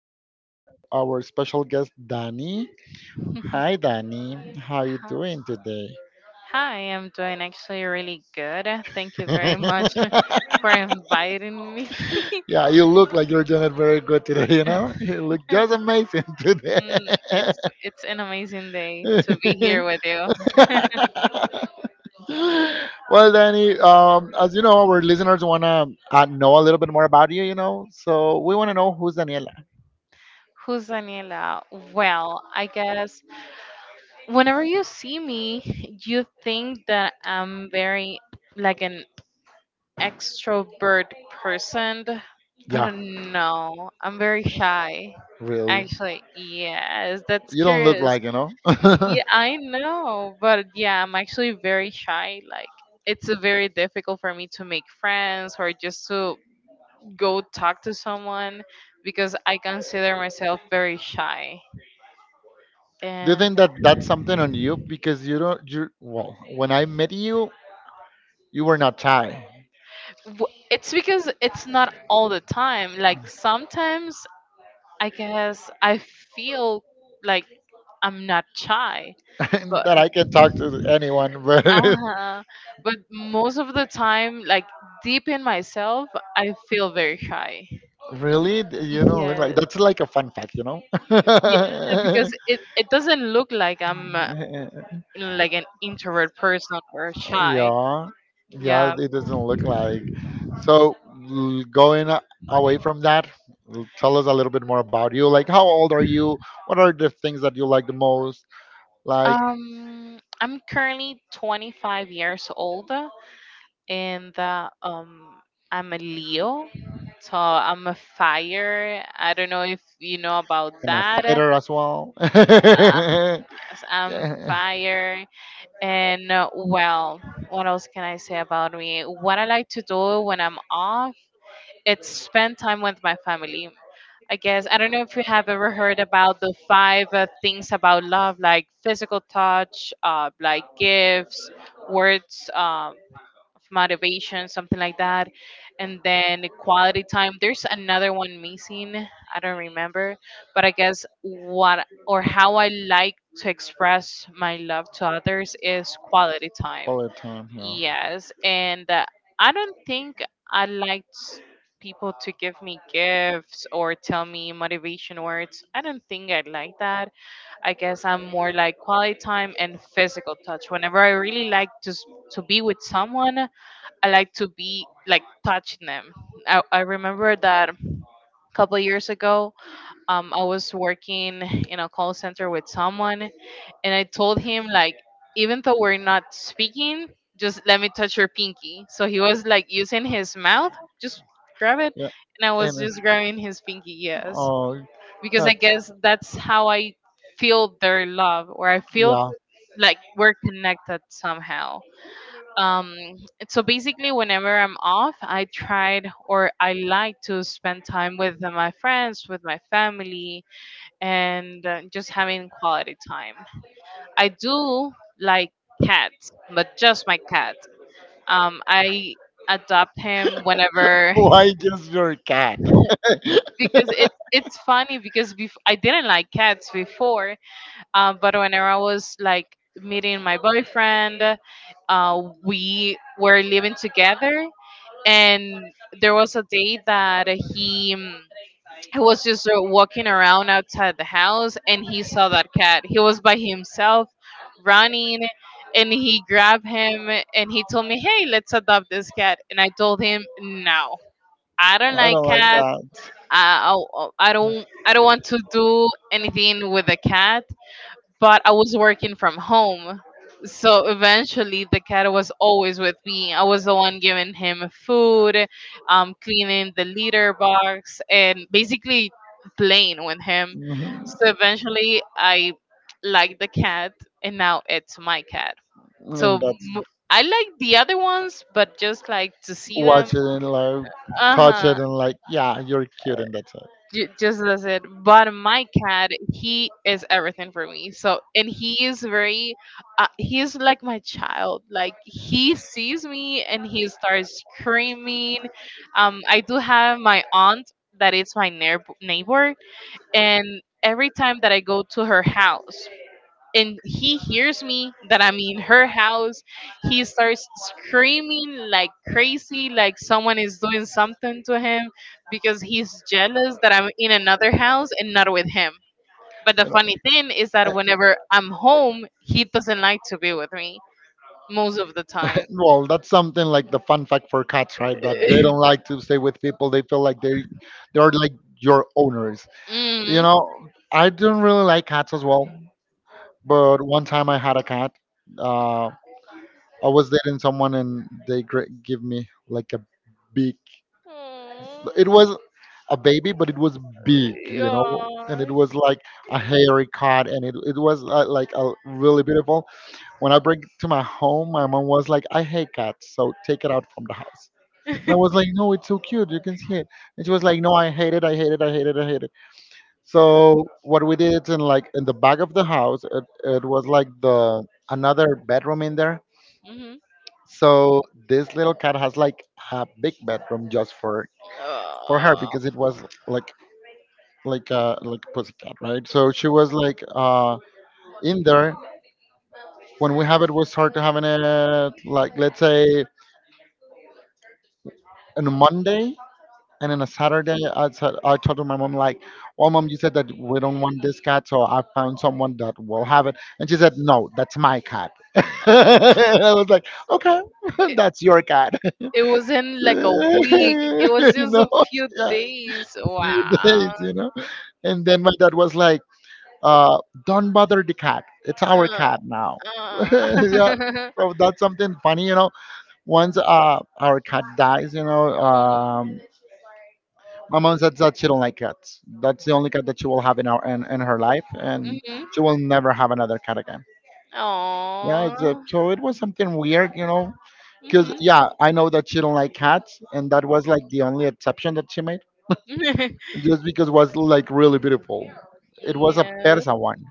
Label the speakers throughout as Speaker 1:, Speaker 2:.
Speaker 1: We have our special guest, Danny. Hi, Danny. How you
Speaker 2: Hi,
Speaker 1: doing today?
Speaker 2: hi, I'm doing actually really good. Thank you very much for inviting me.
Speaker 1: Yeah, you look like you're doing it very good today. You look just amazing today.
Speaker 2: Mm, It's it's an amazing day to be here with you.
Speaker 1: Well, Danny, as you know, our listeners wanna know a little bit more about you. You know, so we wanna know who's Daniela.
Speaker 2: Who's Daniela? Well, I guess whenever you see me, you think that I'm very like an extrovert person,
Speaker 1: Yeah,
Speaker 2: but no, I'm very shy.
Speaker 1: really.
Speaker 2: Actually, yes, that's
Speaker 1: You don't look
Speaker 2: curious.
Speaker 1: like.
Speaker 2: Yeah, I know, but yeah, I'm actually very shy. Like, it's very difficult for me to make friends or just to go talk to someone because I consider myself very shy.
Speaker 1: Do you
Speaker 2: And
Speaker 1: think that that's something on you because you don't? You well, when I met you, you were not shy.
Speaker 2: it's because it's not all the time. Like, sometimes I guess I feel like I'm not shy, but
Speaker 1: That I can talk to anyone, but
Speaker 2: uh but most of the time, like deep in myself, I feel very shy.
Speaker 1: really? You know, look like
Speaker 2: Yes.
Speaker 1: that's like a fun fact, you know?
Speaker 2: Yeah, because it doesn't look like I'm like an introvert person or shy.
Speaker 1: Yeah, yeah,
Speaker 2: Yeah.
Speaker 1: it doesn't look like. So, going away from that, tell us a little bit more about you. Like, how old are you? What are the things that you like the most? Like,
Speaker 2: I'm currently 25 years old and I'm a Leo. So I'm a fire. I don't know if you know about
Speaker 1: and a
Speaker 2: that.
Speaker 1: fighter as well.
Speaker 2: Yes, I'm
Speaker 1: Yeah.
Speaker 2: fire. And well, what else can I say about me? What I like to do when I'm off, it's spend time with my family. I guess I don't know if you have ever heard about the five things about love, like physical touch, like gifts, words of motivation, something like that, and then quality time. There's another one missing. I don't remember, but I guess what or how I like to express my love to others is quality time.
Speaker 1: Quality time,
Speaker 2: Yes, and I don't think I liked people to give me gifts or tell me motivation words. I don't think I like that. I guess I'm more like quality time and physical touch. Whenever I really like to to be with someone, I like to be like touching them. I remember that a couple years ago, I was working in a call center with someone, and I told him like even though we're not speaking, just let me touch your pinky. So he was like using his mouth, just grab it,
Speaker 1: yeah,
Speaker 2: and I
Speaker 1: now
Speaker 2: was just grabbing his pinky, yes,
Speaker 1: oh,
Speaker 2: because I guess that's how I feel their love, or I feel like we're connected somehow. Um, so basically, whenever I'm off, I tried or I like to spend time with my friends, with my family, and just having quality time. I do like cats, but just my cat. I adopt him whenever
Speaker 1: why just your cat?
Speaker 2: because it's funny because I didn't like cats before, but whenever I was like meeting my boyfriend, we were living together, and there was a day that he was just walking around outside the house and he saw that cat. He was by himself running and he grabbed him and he told me, "Hey, let's adopt this cat." And I told him, "No, I don't
Speaker 1: I
Speaker 2: like
Speaker 1: don't like
Speaker 2: cats.
Speaker 1: cats.
Speaker 2: I, I don't, I don't want to do anything with a cat," but I was working from home. So eventually, the cat was always with me. I was the one giving him food, cleaning the litter box, and basically playing with him.
Speaker 1: Mhm.
Speaker 2: So eventually, I liked the cat, and now it's my cat. So
Speaker 1: And that's
Speaker 2: m- I like the other ones, but just like to see them.
Speaker 1: watch it and like
Speaker 2: Uh
Speaker 1: touch it
Speaker 2: huh.
Speaker 1: and like yeah, you're cute and that's it.
Speaker 2: Just as it. But my cat, he is everything for me. So, and he is very, he is like my child. Like he sees me and he starts screaming. I do have my aunt that is my neighbor, and every time that I go to her house, and he hears me that I'm in her house. He starts screaming like crazy, like someone is doing something to him because he's jealous that I'm in another house and not with him. But the
Speaker 1: You know.
Speaker 2: funny thing is
Speaker 1: Eh,
Speaker 2: that whenever I'm home, he doesn't like to be with me most of the time.
Speaker 1: Well, that's something like the fun fact for cats, right? That they don't like to stay with people. They feel like they are like your owners. You
Speaker 2: mm.
Speaker 1: know, I don't really like cats as well. But one time I had a cat. Uh, I was dating someone and they give me like a big. It was a baby, but it was big, you know, and it
Speaker 2: Yeah.
Speaker 1: was like a hairy cut, and it was like a really beautiful. When I bring it to my home, my mom was like, "I hate cats, so take it out from the house." And I was like, "No, it's so cute. You can see it." And she was like, "No, I hate it. I hate it. I hate it. I hate it." So what we did in like in the back of the house, it was like the another bedroom in there.
Speaker 2: Mhm.
Speaker 1: So this little cat has like a big bedroom just for her
Speaker 2: Aw.
Speaker 1: because it was like like a like pussycat, right? So she was like in there. When we have it we start having it like, let's say, on a Monday, and on a Saturday I said I told my mom like, well, mom, you said that we don't want this cat so I found someone that will have it, and she said, "No, that's my cat." I was like,
Speaker 2: So-
Speaker 1: "Okay,"
Speaker 2: eh,
Speaker 1: that's your cat.
Speaker 2: It wasn't like a week. It
Speaker 1: You
Speaker 2: was just
Speaker 1: know?
Speaker 2: a few days.
Speaker 1: Few
Speaker 2: Wow.
Speaker 1: days, you know. And then my dad was like, uh, "Don't bother the cat. It's our
Speaker 2: Uh,
Speaker 1: cat now."
Speaker 2: uh.
Speaker 1: Yeah. So that's something funny, you know. Once our cat dies, you know, my mom said that she don't like cats. That's the only cat that she will have in in her life, and
Speaker 2: Mm-hmm.
Speaker 1: she will never have another cat again. Yeah, so,
Speaker 2: Aww.
Speaker 1: so it was something weird, you know, because
Speaker 2: Mm-hmm.
Speaker 1: yeah, I know that she don't like cats, and that was like the only exception that she made. Just because it was like really beautiful. It was a
Speaker 2: Yes.
Speaker 1: Persa one.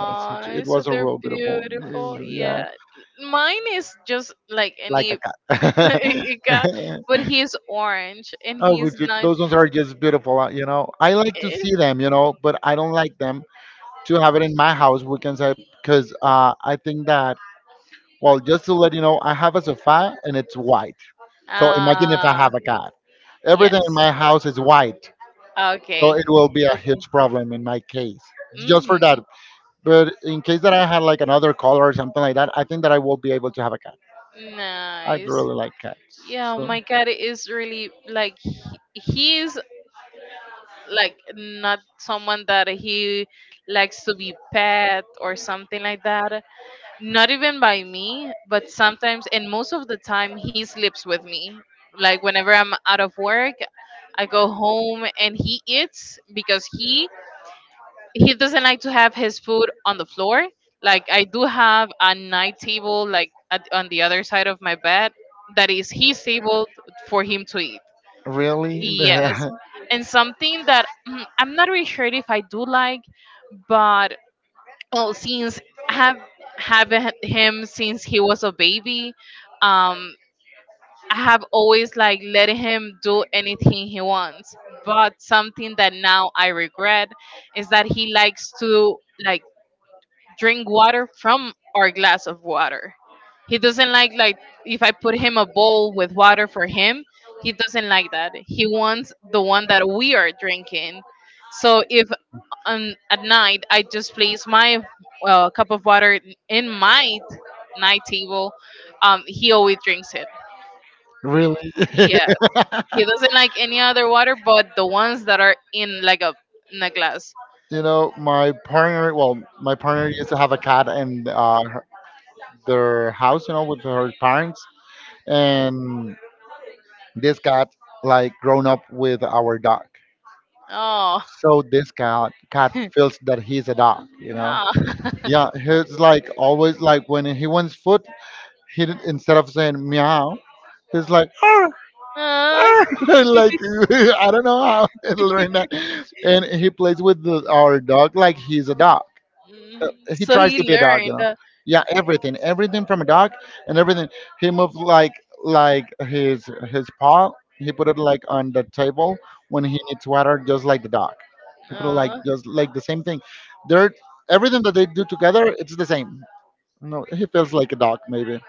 Speaker 1: It
Speaker 2: so
Speaker 1: was a
Speaker 2: they're
Speaker 1: real beautiful,
Speaker 2: beautiful.
Speaker 1: yeah,
Speaker 2: Yeah, mine is just like
Speaker 1: like
Speaker 2: any
Speaker 1: a cat.
Speaker 2: Ika, but he's orange and
Speaker 1: Oh,
Speaker 2: he's
Speaker 1: but
Speaker 2: not.
Speaker 1: those ones are just beautiful, you know. I like to
Speaker 2: eh,
Speaker 1: see them, you know, but I don't like them to have it in my house. We can say because I think that well, just to let you know, I have a sofa and it's white. So imagine if I
Speaker 2: Ah,
Speaker 1: have a cat. Everything
Speaker 2: yes.
Speaker 1: in my house is white, so
Speaker 2: Okay.
Speaker 1: it will be a huge problem in my case. Just for that.
Speaker 2: Mm-hmm.
Speaker 1: But in case that I had like another color or something like that, I think that I will be able to have a cat. I
Speaker 2: Nice.
Speaker 1: really like cats.
Speaker 2: Yeah,
Speaker 1: So
Speaker 2: my cat is really like he's like not someone that he likes to be pet or something like that. Not even by me, but sometimes and most of the time he sleeps with me. Like whenever I'm out of work, I go home and he eats because he doesn't like to have his food on the floor. Like I do have a night table, like at, on the other side of my bed, that is his table for him to eat.
Speaker 1: really,
Speaker 2: Yes, and something that I'm not really sure if I do like, but well, since I have having him since he was a baby, um, I have always like letting him do anything he wants. But something that now I regret is that he likes to like drink water from our glass of water. He doesn't like if I put him a bowl with water for him, he doesn't like that. He wants the one that we are drinking. So if at night I just place my cup of water in my night table, he always drinks it.
Speaker 1: really.
Speaker 2: Yes, he doesn't like any other water but the ones that are in like a in a glass.
Speaker 1: You know, my partner, well, my partner used to have a cat in their house, you know, with her parents. And this cat, like, grown up with our dog.
Speaker 2: Oh,
Speaker 1: So this cat feels that he's a dog, you know? Yeah, he's like always like when he wants food, instead of saying meow, he's like "Arr,
Speaker 2: yeah.
Speaker 1: arr," like I don't know how to learn that, and he plays with our dog like he's a dog.
Speaker 2: Mhm.
Speaker 1: He
Speaker 2: So
Speaker 1: tries to
Speaker 2: he
Speaker 1: be a dog, you
Speaker 2: learned.
Speaker 1: know. Yeah, everything, everything from a dog and everything. He moved like his paw. He put it like on the table when he needs water, just like the dog. He put it like
Speaker 2: Uh,
Speaker 1: just like the same thing. They're everything that they do together. It's the same. No, he feels like a dog maybe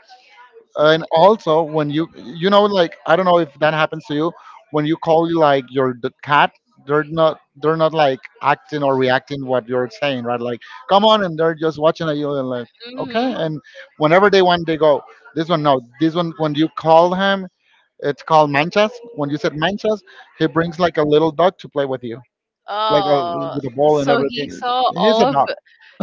Speaker 1: and also when you know like I don't know if that happens to you when you call like your the cat, they're not like acting or reacting what you're saying, right? Like, come on, and they're just watching at you and like okay,
Speaker 2: mm-hmm.
Speaker 1: and whenever they want they go. This one, no, this one when you call him, it's called Manchas. When you said Manchas he brings like a little dog to play with you, like a,
Speaker 2: Uh,
Speaker 1: with a ball and
Speaker 2: so he
Speaker 1: everything.
Speaker 2: saw
Speaker 1: He's a
Speaker 2: all of
Speaker 1: dog.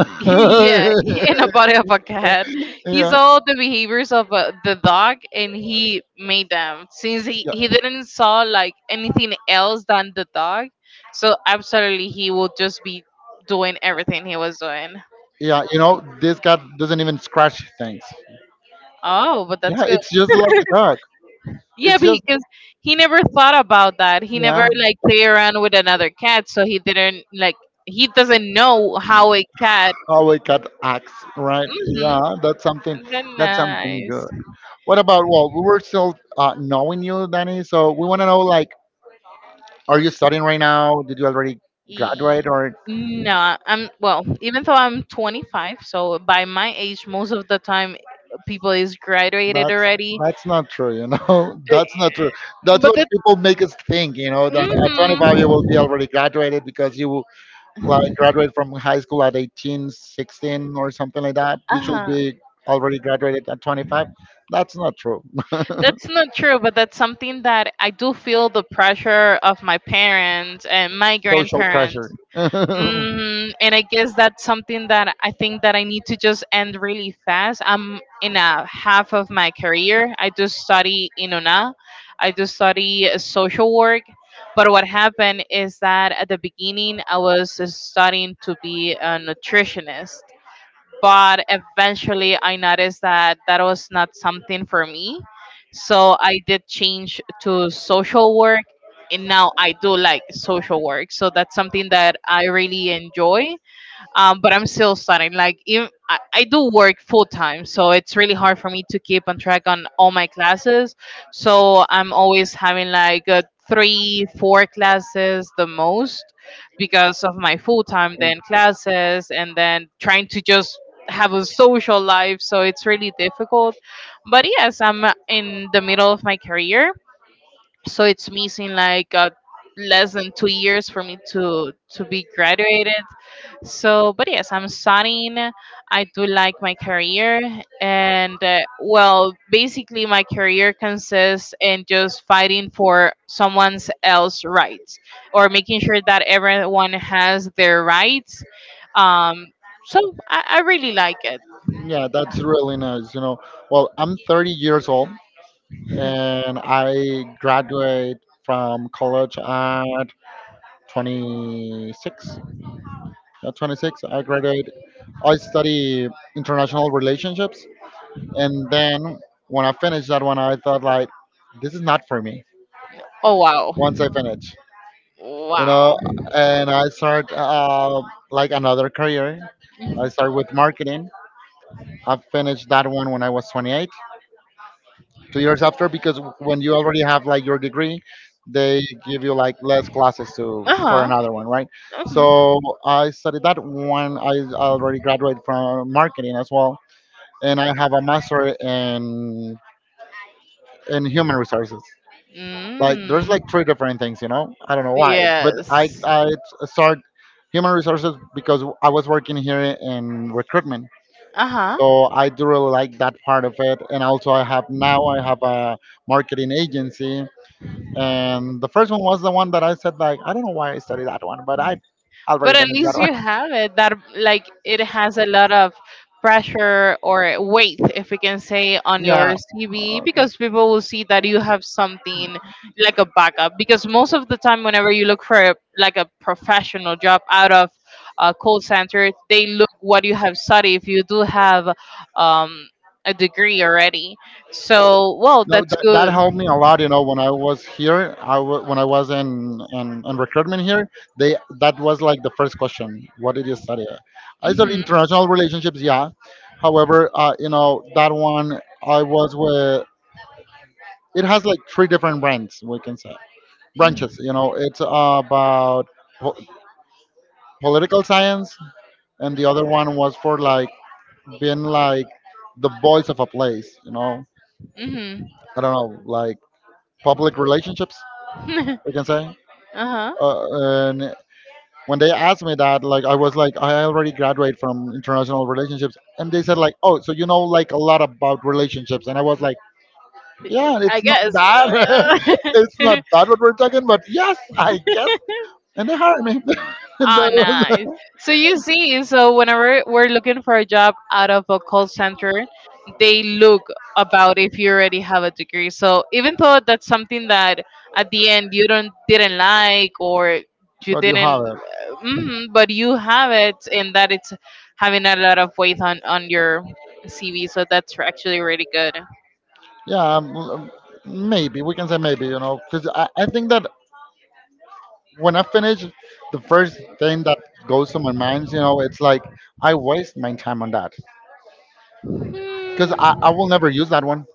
Speaker 2: yeah in a body of a cat. He
Speaker 1: Yeah
Speaker 2: saw the behaviors of the dog, and he made them since
Speaker 1: yeah
Speaker 2: he didn't saw like anything else than the dog. So absolutely, he will just be doing everything he was doing.
Speaker 1: yeah, you know this cat doesn't even scratch things.
Speaker 2: Oh, but that's
Speaker 1: Yeah,
Speaker 2: good.
Speaker 1: it's just like a dog.
Speaker 2: Yeah,
Speaker 1: It's just
Speaker 2: because he never thought about that. He never
Speaker 1: yeah,
Speaker 2: like play around with another cat, so he didn't like. He doesn't know how a cat.
Speaker 1: how a cat acts, right? Yeah,
Speaker 2: Mm-hmm.
Speaker 1: that's something.
Speaker 2: That's
Speaker 1: That's something
Speaker 2: nice.
Speaker 1: good. What about? Well, we were still knowing you, Danny. So we want to know, like, are you studying right now? Did you already
Speaker 2: E-
Speaker 1: graduate, or
Speaker 2: No, I'm well. Even though I'm 25, so by my age, most of the time, people is graduated
Speaker 1: that's
Speaker 2: already.
Speaker 1: that's not true. You know,
Speaker 2: Uh,
Speaker 1: that's not true. That's
Speaker 2: But
Speaker 1: what
Speaker 2: that.
Speaker 1: people make us think. You know, that a 25
Speaker 2: mm
Speaker 1: year will be already graduated because you like graduate from high school at 18, 16 or something like that, you should
Speaker 2: Uh-huh.
Speaker 1: be already graduated at 25. That's not true.
Speaker 2: That's not true, but that's something that I do feel the pressure of my parents and my
Speaker 1: Social pressure.
Speaker 2: grandparents.
Speaker 1: Yeah,
Speaker 2: And I guess that's something that I think that I need to just end really fast. I'm in a half of my career. I do study Inona. I do study social work. But what happened is that at the beginning, I was studying to be a nutritionist, but eventually I noticed that that was not something for me. So I did change to social work and now I do like social work. So that's something that I really enjoy, but I'm still studying. Like even, I do work full time, so it's really hard for me to keep on track on all my classes. So I'm always having like three, four classes the most because of my full time then classes and then trying to just have a social life. So it's really difficult. But yes, I'm in the middle of my career, so it's missing like less than 2 years for me to be graduated, so but yes, I'm studying. I do like my career, and well, basically my career consists in just fighting for someone's else rights or making sure that everyone has their rights, um so I really like it.
Speaker 1: yeah, that's really nice. You know, well, I'm 30 years old, and I graduate from college at 26. At 26, I graduate. I study international relationships, and then when I finished that one, I thought like, this is not for me.
Speaker 2: Oh, wow.
Speaker 1: Once I finish, you know,
Speaker 2: Wow.
Speaker 1: and I start like another career. I start with marketing. I finished that one when I was 28, 2 years after, because when you already have like your degree they give you like less classes to
Speaker 2: uh
Speaker 1: for
Speaker 2: uh-huh
Speaker 1: another one, right? So
Speaker 2: Mhm.
Speaker 1: I studied that one. I already graduated from marketing as well, and I have a master in human resources. Like there's like
Speaker 2: Mm.
Speaker 1: three different things, you know. I don't know why, but
Speaker 2: Yes.
Speaker 1: I start human resources because I was working here in recruitment,
Speaker 2: Uh huh.
Speaker 1: so I do really like that part of it. And also I have now I have a marketing agency, and the first one was the one that I said like I don't know why I studied that one, but I already
Speaker 2: But at
Speaker 1: finished
Speaker 2: least
Speaker 1: that one.
Speaker 2: you have it that like it has a lot of pressure or weight, if we can say, on
Speaker 1: Yeah,
Speaker 2: your CV
Speaker 1: uh,
Speaker 2: because people will see that you have something like a backup. Because most of the time, whenever you look for like a professional job out of a call center, they look what you have studied. If you do have um, a degree already, so well,
Speaker 1: no,
Speaker 2: that's
Speaker 1: that
Speaker 2: good.
Speaker 1: helped me a lot. You know, when I was here, when I was in in recruitment here, they that was like the first question: what did you study? I studied
Speaker 2: Mhm.
Speaker 1: international relationships, yeah. However, you know that one I was with. It has like three different brands we can say branches. You know, it's about po- political science, and the other one was for like being like the voice of a place, you know.
Speaker 2: Mhm.
Speaker 1: I don't know, like public relationships, we can say.
Speaker 2: Uh-huh.
Speaker 1: And when they asked me that, like I was like, I already graduated from international relationships, and they said like, oh, so you know like a lot about relationships, and I was like, yeah,
Speaker 2: I
Speaker 1: it's not
Speaker 2: guess.
Speaker 1: that, it's
Speaker 2: Uh,
Speaker 1: not that what we're talking, but yes, I guess, and they hired me. And
Speaker 2: oh,
Speaker 1: that was-
Speaker 2: nice. So you see, so whenever we're looking for a job out of a call center, they look about if you already have a degree. So even though that's something that at the end you don't didn't like or you
Speaker 1: but you have
Speaker 2: didn't,
Speaker 1: it,
Speaker 2: but you have it, and that it's having a lot of weight on your CV. So that's actually really good.
Speaker 1: yeah. Maybe we can say maybe, you know, because I think that when I finish, the first thing that goes to my mind, you know, it's like I waste my time on that because
Speaker 2: Hmm.
Speaker 1: I will never use that one.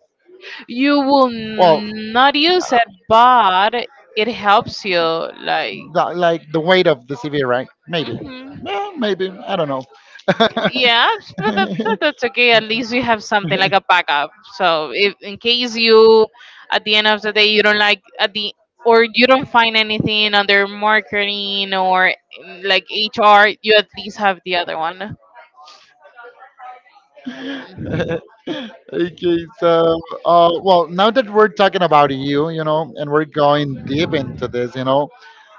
Speaker 2: You will
Speaker 1: Well,
Speaker 2: not use it, but it helps you. Like,
Speaker 1: the, like the weight of the CV, right? Maybe.
Speaker 2: hmm
Speaker 1: Yeah, maybe. I don't know.
Speaker 2: yeah, but that's okay. At least you have something like a backup. So, if in case you, at the end of the day, you don't like at the or you don't find anything under marketing or like HR, you at least have the other one.
Speaker 1: Okay, so, well, now that we're talking about you, you know, and we're going deep into this, you know,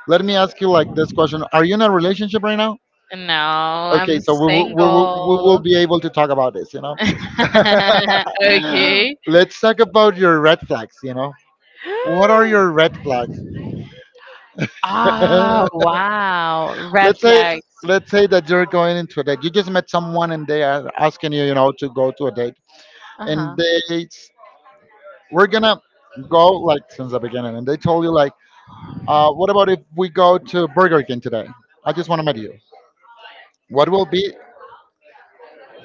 Speaker 1: let me ask you like this question: are you in a relationship right now?
Speaker 2: No,
Speaker 1: Okay,
Speaker 2: I'm
Speaker 1: so we will
Speaker 2: single.
Speaker 1: be able to talk about this, you know.
Speaker 2: Okay.
Speaker 1: Let's talk about your red flags, you know. What are your red flags?
Speaker 2: Ah,
Speaker 1: let's
Speaker 2: wow. Red
Speaker 1: say
Speaker 2: flags.
Speaker 1: let's say that you're going into a date. You just met someone and they are asking you, you know, to go to a date,
Speaker 2: Uh-huh.
Speaker 1: and they s- we're gonna go like since the beginning, and they told you like, what about if we go to Burger King today? I just want to meet you. What will be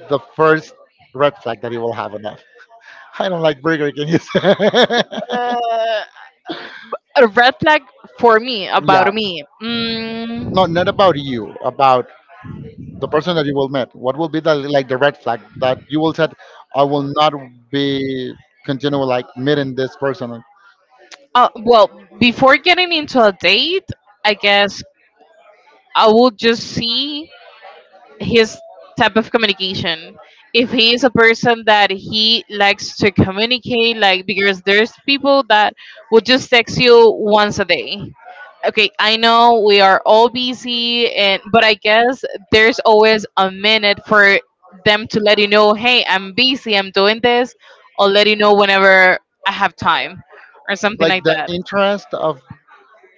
Speaker 1: the first red flag that you will have on that? I don't like Burger King.
Speaker 2: Uh, a red flag for me
Speaker 1: Yeah,
Speaker 2: about me.
Speaker 1: no, not about you, about the person that you will meet. What will be the like the red flag that you will said I will not be continue like meeting this person?
Speaker 2: Well, before getting into a date, I guess I will just see. His type of communication. If he is a person that he likes to communicate, like because there's people that will just text you once a day. Okay, I know we are all busy and but I guess there's always a minute for them to let you know, hey, I'm busy, I'm doing this, or let you know whenever I have time or something
Speaker 1: Like
Speaker 2: like
Speaker 1: the
Speaker 2: that.
Speaker 1: interest of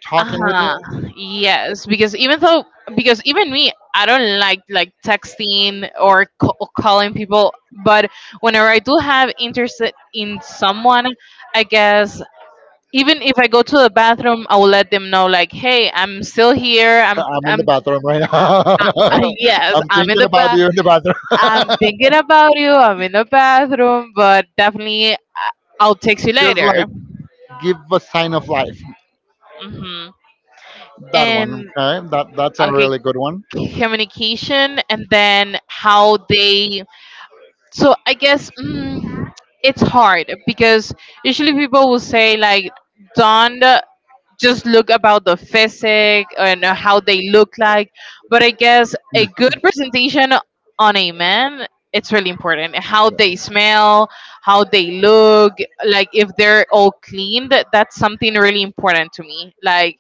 Speaker 1: talking with
Speaker 2: Uh-huh.
Speaker 1: you.
Speaker 2: Yes, because even though, because even me, I don't like texting or calling people, but whenever I do have interest in someone, I guess even if I go to the bathroom I will let them know like, hey, I'm still here, I'm
Speaker 1: I'm in
Speaker 2: I'm
Speaker 1: the bathroom right now.
Speaker 2: yes,
Speaker 1: I'm
Speaker 2: I'm in
Speaker 1: thinking
Speaker 2: the
Speaker 1: about
Speaker 2: bath,
Speaker 1: you in the
Speaker 2: I'm
Speaker 1: bathroom.
Speaker 2: thinking about you, I'm in the bathroom, but definitely I'll text you
Speaker 1: Just
Speaker 2: later.
Speaker 1: like give a sign of life.
Speaker 2: Hmm.
Speaker 1: That
Speaker 2: And
Speaker 1: one, okay? That's a
Speaker 2: okay,
Speaker 1: really good one.
Speaker 2: communication, and then how they, so I guess, it's hard because usually people will say like, don't just look about the physic and how they look like. But I guess a good presentation on a man, it's really important. How they smell, how they look, like if they're all clean, that's something really important to me. Like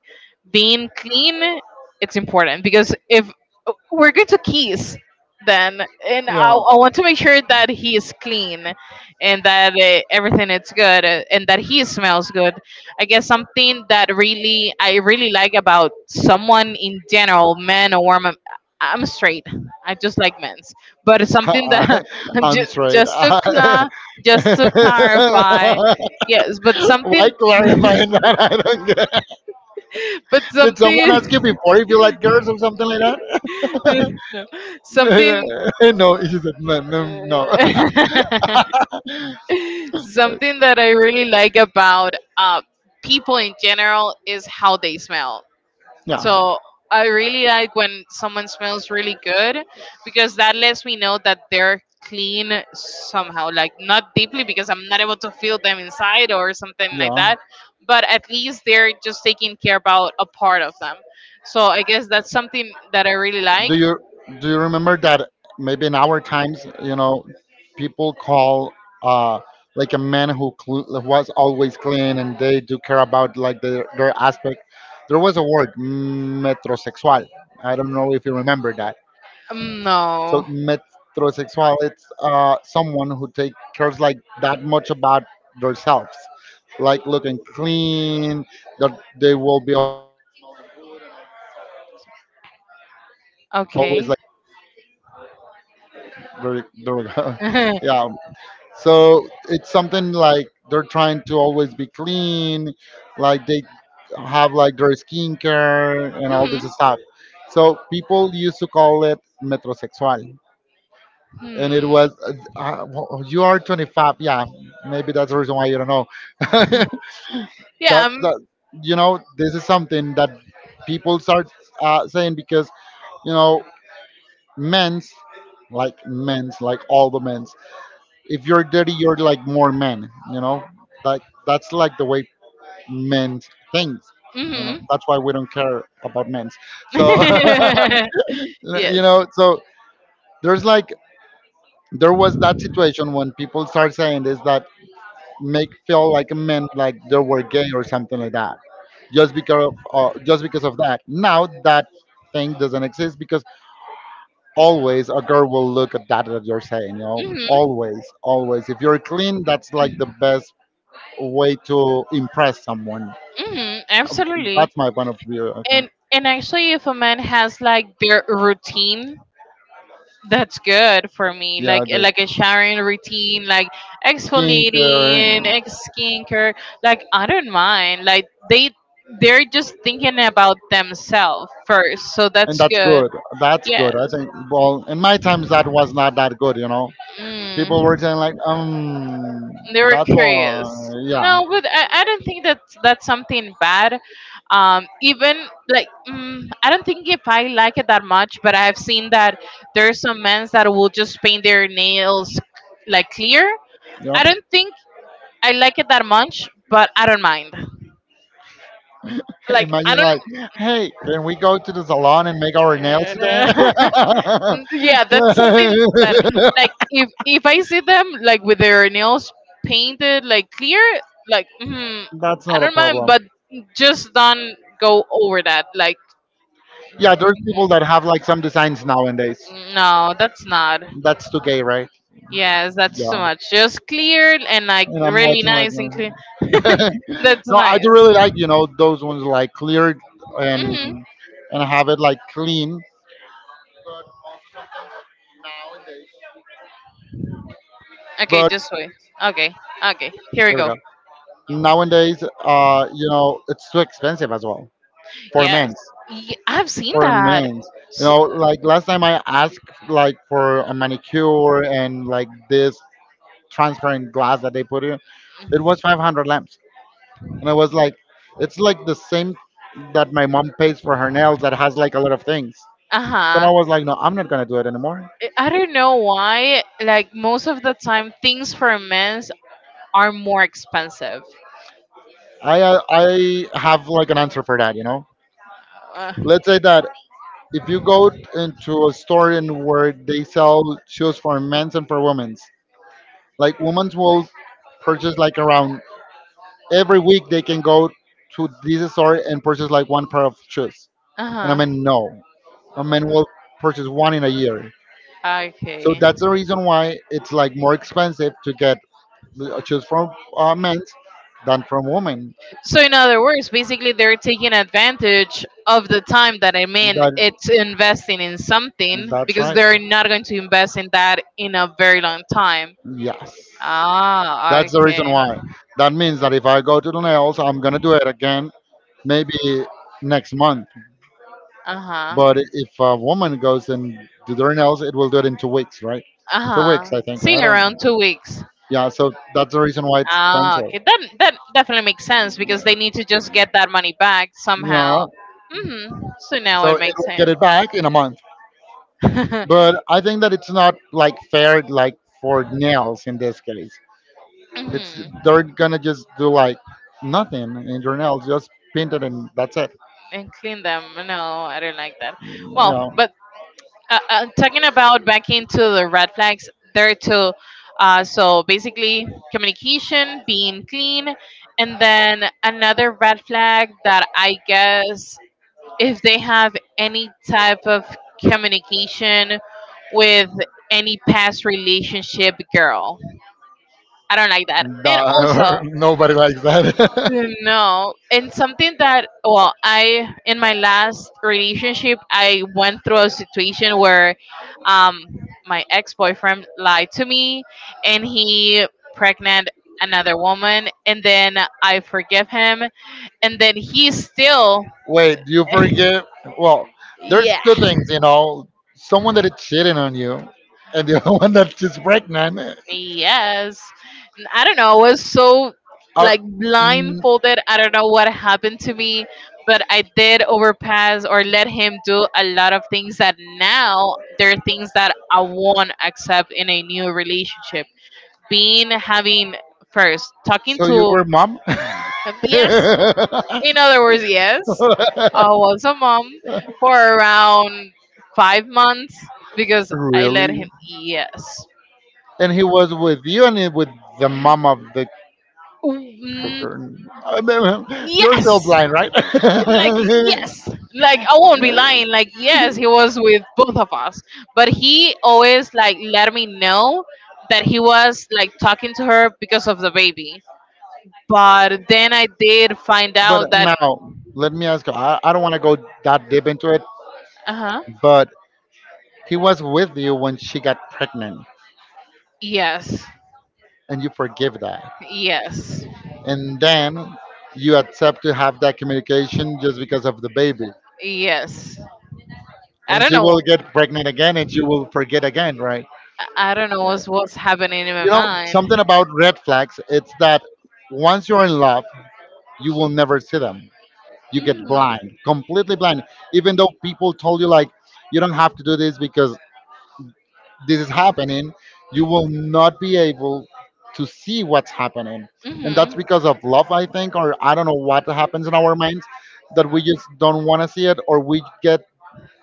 Speaker 2: being clean, it's important because if we're going to kiss, then and I want to make sure that he is clean and that everything is good, and that he smells good. I guess something that really I really like about someone in general, men or women. I'm straight. I just like men's. But it's something that
Speaker 1: I'm straight.
Speaker 2: just
Speaker 1: I'm
Speaker 2: to
Speaker 1: just like I'm straight.
Speaker 2: just to clarify, yes. But
Speaker 1: Why
Speaker 2: something,
Speaker 1: clarifying that? I don't get.
Speaker 2: but
Speaker 1: Did someone
Speaker 2: something,
Speaker 1: ask you before if you like girls or something like that?
Speaker 2: no, something.
Speaker 1: No, he said no, no, no.
Speaker 2: Something that I really like about people in general is how they smell.
Speaker 1: Yeah.
Speaker 2: So I really like when someone smells really good because that lets me know that they're clean somehow, like not deeply because I'm not able to feel them inside or something like
Speaker 1: Yeah.
Speaker 2: that, but at least they're just taking care about a part of them. So I guess that's something that I really like.
Speaker 1: Do you do you remember that maybe in our times, you know, people call uh like a man who was always clean and they do care about like their aspect. There was a word metrosexual. I don't know if you remember that. So
Speaker 2: No.
Speaker 1: metrosexual, it's someone who take cares like that much about themselves, like looking clean, that they will be always like smelling good and all that stuff.
Speaker 2: Okay.
Speaker 1: There we go.
Speaker 2: Hmm.
Speaker 1: Yeah. So it's something like they're trying to always be clean, like they have like their skincare and all this stuff. So people used to call it metrosexual. And it
Speaker 2: Hmm.
Speaker 1: was uh, you are 25. Yeah, maybe that's the reason why you don't know.
Speaker 2: Yeah.
Speaker 1: That
Speaker 2: Um.
Speaker 1: that you know this is something that people start saying because, you know, men's men's like all the men's, if you're dirty you're like more men, you know, like that's like the way men think, you know. That's why we don't care about men's, so
Speaker 2: Hmm. Yes.
Speaker 1: you know. So there's like there was that situation when people start saying this that make feel like men like they were gay or something like that just because of that. Now that thing doesn't exist because always a girl will look at that that you're saying, you know.
Speaker 2: Mm-hmm.
Speaker 1: Always, always, if you're clean, that's like the best way to impress someone.
Speaker 2: Mm-hmm. Absolutely.
Speaker 1: That's my point of view, I think.
Speaker 2: And actually, if a man has like their routine, that's good for me.
Speaker 1: Yeah,
Speaker 2: Like
Speaker 1: the
Speaker 2: like a showering routine, like
Speaker 1: skincare.
Speaker 2: exfoliating, ex skincare. Like I don't mind. Like they're just thinking about themselves first, so
Speaker 1: And
Speaker 2: that's
Speaker 1: that's
Speaker 2: good.
Speaker 1: good. That's good, I
Speaker 2: Yes.
Speaker 1: think. Well, in my times, that was not that good. You know, people were
Speaker 2: Mm.
Speaker 1: saying like,
Speaker 2: They were
Speaker 1: that's
Speaker 2: curious.
Speaker 1: why, yeah.
Speaker 2: No, but I don't think that that's something bad. Even like mm, I don't think if I like it that much, but I've seen that there's some men that will just paint their nails like clear.
Speaker 1: Yeah.
Speaker 2: I don't think I like it that much, but I don't mind. Like I
Speaker 1: Imagine like,
Speaker 2: don't.
Speaker 1: hey, can we go to the salon and make our nails today?
Speaker 2: Mm, yeah, that's something that like if I see them like with their nails painted like clear, like mm,
Speaker 1: That's
Speaker 2: I
Speaker 1: not a
Speaker 2: don't mind,
Speaker 1: problem.
Speaker 2: but just don't go over that, like
Speaker 1: Yeah, there's people that have like some designs nowadays.
Speaker 2: no, that's not,
Speaker 1: That's too gay, right?
Speaker 2: yes, that's too
Speaker 1: Yeah.
Speaker 2: much. Just clear and like
Speaker 1: And I'm
Speaker 2: really
Speaker 1: watching like,
Speaker 2: nice and clear, that's
Speaker 1: No, I
Speaker 2: nice.
Speaker 1: do really like, you know, those ones like cleared
Speaker 2: Hmm.
Speaker 1: and and have it like clean. But also sometimes nowadays,
Speaker 2: Okay, just wait, okay, okay,
Speaker 1: there we
Speaker 2: here
Speaker 1: go.
Speaker 2: we go.
Speaker 1: Nowadays, you know, it's too expensive as well for
Speaker 2: Yes.
Speaker 1: men's.
Speaker 2: I've seen
Speaker 1: For
Speaker 2: that.
Speaker 1: men's, you
Speaker 2: S-
Speaker 1: know, like last time I asked like for a manicure and like this transparent glass that they put in, it was 500 lamps. And I was like, it's like the same that my mom pays for her nails that has like a lot of things. So I
Speaker 2: uh-huh.
Speaker 1: was like, no, I'm not gonna do it anymore.
Speaker 2: I don't know why. Like most of the time, things for men's are more expensive.
Speaker 1: I have like an answer for that, you know.
Speaker 2: Uh
Speaker 1: Let's say that if you go into a store and where they sell shoes for men's and for women's, like women's will purchase like around every week they can go to this store and purchase like one pair of shoes, and I
Speaker 2: huh.
Speaker 1: mean no, a man will purchase 1 in a year. So
Speaker 2: Okay.
Speaker 1: that's the reason why it's like more expensive to get choose from men than from women.
Speaker 2: So in other words, basically they're taking advantage of the time that I mean
Speaker 1: That,
Speaker 2: it's investing in something
Speaker 1: that's
Speaker 2: because
Speaker 1: right.
Speaker 2: they're not going to invest in that in a very long time.
Speaker 1: Yes.
Speaker 2: Ah,
Speaker 1: That's the
Speaker 2: okay.
Speaker 1: reason why. That means that if I go to the nails, I'm going to do it again, maybe next month.
Speaker 2: Uh huh.
Speaker 1: But if a woman goes and do their nails, it will do it in 2 weeks, right?
Speaker 2: Uh
Speaker 1: 2 weeks,
Speaker 2: huh.
Speaker 1: I think.
Speaker 2: See,
Speaker 1: I don't.
Speaker 2: around 2 weeks.
Speaker 1: Yeah, so that's the reason why it's
Speaker 2: Ah,
Speaker 1: expensive.
Speaker 2: okay. That that definitely makes sense
Speaker 1: Yeah.
Speaker 2: because they need to just get that money back
Speaker 1: Yeah.
Speaker 2: somehow. Hmm. So now
Speaker 1: So
Speaker 2: it
Speaker 1: it
Speaker 2: makes
Speaker 1: will get
Speaker 2: sense.
Speaker 1: it back in a month. But I think that it's not like fair like for nails in this case. It's
Speaker 2: Hmm.
Speaker 1: they're gonna just do like nothing in your nails, just paint it and that's it.
Speaker 2: And clean them. No, I don't like that. Well,
Speaker 1: Yeah.
Speaker 2: but talking about back into the red flags, there are two. So basically, communication, being clean, and then another red flag that I guess if they have any type of communication with any past relationship girl. I don't like that. And also,
Speaker 1: That, nobody likes that.
Speaker 2: no, and something that, well, I, in my last relationship, I went through a situation where um, my ex boyfriend lied to me and he pregnant another woman. And then I forgive him. And then he still,
Speaker 1: Wait, do you forgive? Well, there's
Speaker 2: yeah,
Speaker 1: two things, you know, someone that is cheating on you, and the other one that's just pregnant.
Speaker 2: yes. I don't know, I was so
Speaker 1: Out,
Speaker 2: like
Speaker 1: mm,
Speaker 2: blindfolded. I don't know what happened to me, but I did overpass or let him do a lot of things that now there are things that I won't accept in a new relationship. Being having first talking
Speaker 1: so you
Speaker 2: to,
Speaker 1: were mom?
Speaker 2: yes, in other words, yes. I was a mom for around 5 months because I let
Speaker 1: Really?
Speaker 2: him, yes.
Speaker 1: And he was with you and with the mom of the
Speaker 2: Mm,
Speaker 1: kicker. I mean, you're still
Speaker 2: yes.
Speaker 1: blind,
Speaker 2: Like yes, like I won't be lying, like yes, he was with both of us, but he
Speaker 1: right?
Speaker 2: always like let me know that he was like talking to her because of the baby, but then I did find
Speaker 1: But
Speaker 2: out that,
Speaker 1: now, let me ask you. I don't want to go that deep into it,
Speaker 2: uh-huh,
Speaker 1: but he was with you when she got pregnant,
Speaker 2: yes,
Speaker 1: and you forgive that,
Speaker 2: yes,
Speaker 1: and then you accept to have that communication just because of the baby,
Speaker 2: yes. I
Speaker 1: and
Speaker 2: don't
Speaker 1: she will
Speaker 2: know,
Speaker 1: get pregnant again, and she will forget again, right?
Speaker 2: I don't know what's happening in my
Speaker 1: You know
Speaker 2: mind.
Speaker 1: something about red flags. It's that once you're in love, you will never see them. You get
Speaker 2: Mm-hmm.
Speaker 1: blind, completely blind. Even though people told you like you don't have to do this because this is happening, you will not be able to see what's happening. And that's because of love, I think, or I don't know what happens in our minds that
Speaker 2: Mm-hmm.
Speaker 1: we just don't want to see it, or we get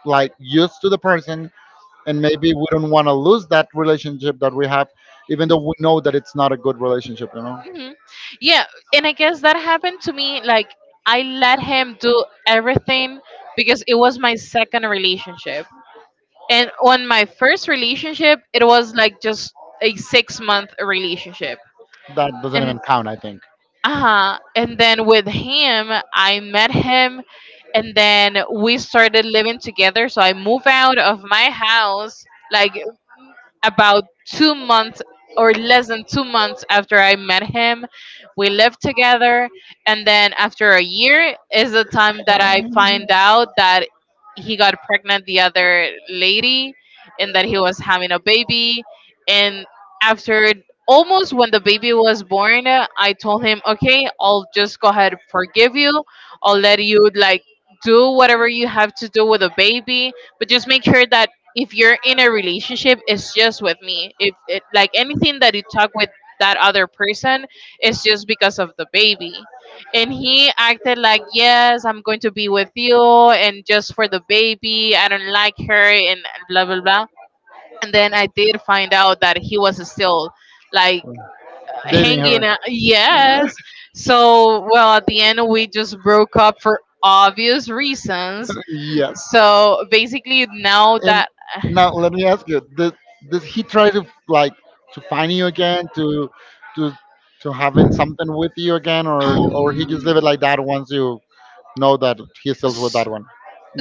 Speaker 1: like used to the person, and maybe we don't want to lose that relationship that we have, even though we know that it's not a good relationship, you know?
Speaker 2: Hmm. Yeah, and I guess that happened to me. Like I let him do everything because it was my second relationship, and on my first relationship, it was like just a 6 month relationship,
Speaker 1: That doesn't
Speaker 2: and
Speaker 1: even count, I think.
Speaker 2: uh huh. And then with him, I met him, and then we started living together. So I moved out of my house like about 2 months or less than 2 months after I met him, we lived together. And then after a year is the time that I find out that he got pregnant the other lady and that he was having a baby. And after almost when the baby was born, I told him, okay, I'll just go ahead and forgive you. I'll let you like do whatever you have to do with a baby, but just make sure that if you're in a relationship it's just with me. If it, like anything that you talk with that other person, it's just because of the baby. And he acted like, yes, I'm going to be with you and just for the baby, I don't like her, and blah blah blah. And then I did find out that he was still like
Speaker 1: Dating
Speaker 2: hanging
Speaker 1: her.
Speaker 2: out, yes. So well, at the end we just broke up for obvious reasons.
Speaker 1: Yes.
Speaker 2: So basically now
Speaker 1: And
Speaker 2: that
Speaker 1: now let me ask you: does he try to like to find you again to to to having something with you again, or he just leave it like that once you know that he still with
Speaker 2: S-
Speaker 1: that one,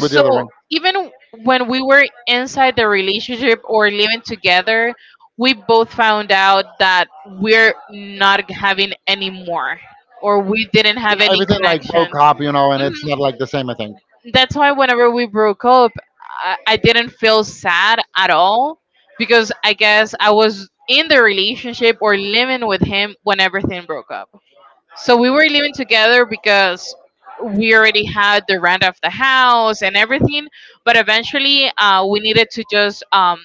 Speaker 1: with the other one?
Speaker 2: even when we were inside the relationship or living together, we both found out that we're not having any more, or we didn't have
Speaker 1: Yeah,
Speaker 2: any
Speaker 1: everything like
Speaker 2: connection.
Speaker 1: broke up, you know, and it's
Speaker 2: Mhm.
Speaker 1: not like the same, I think.
Speaker 2: That's why whenever we broke up, I didn't feel sad at all because I guess I was in the relationship or living with him when everything broke up. So we were living together because we already had the rent of the house and everything. But eventually, we needed to just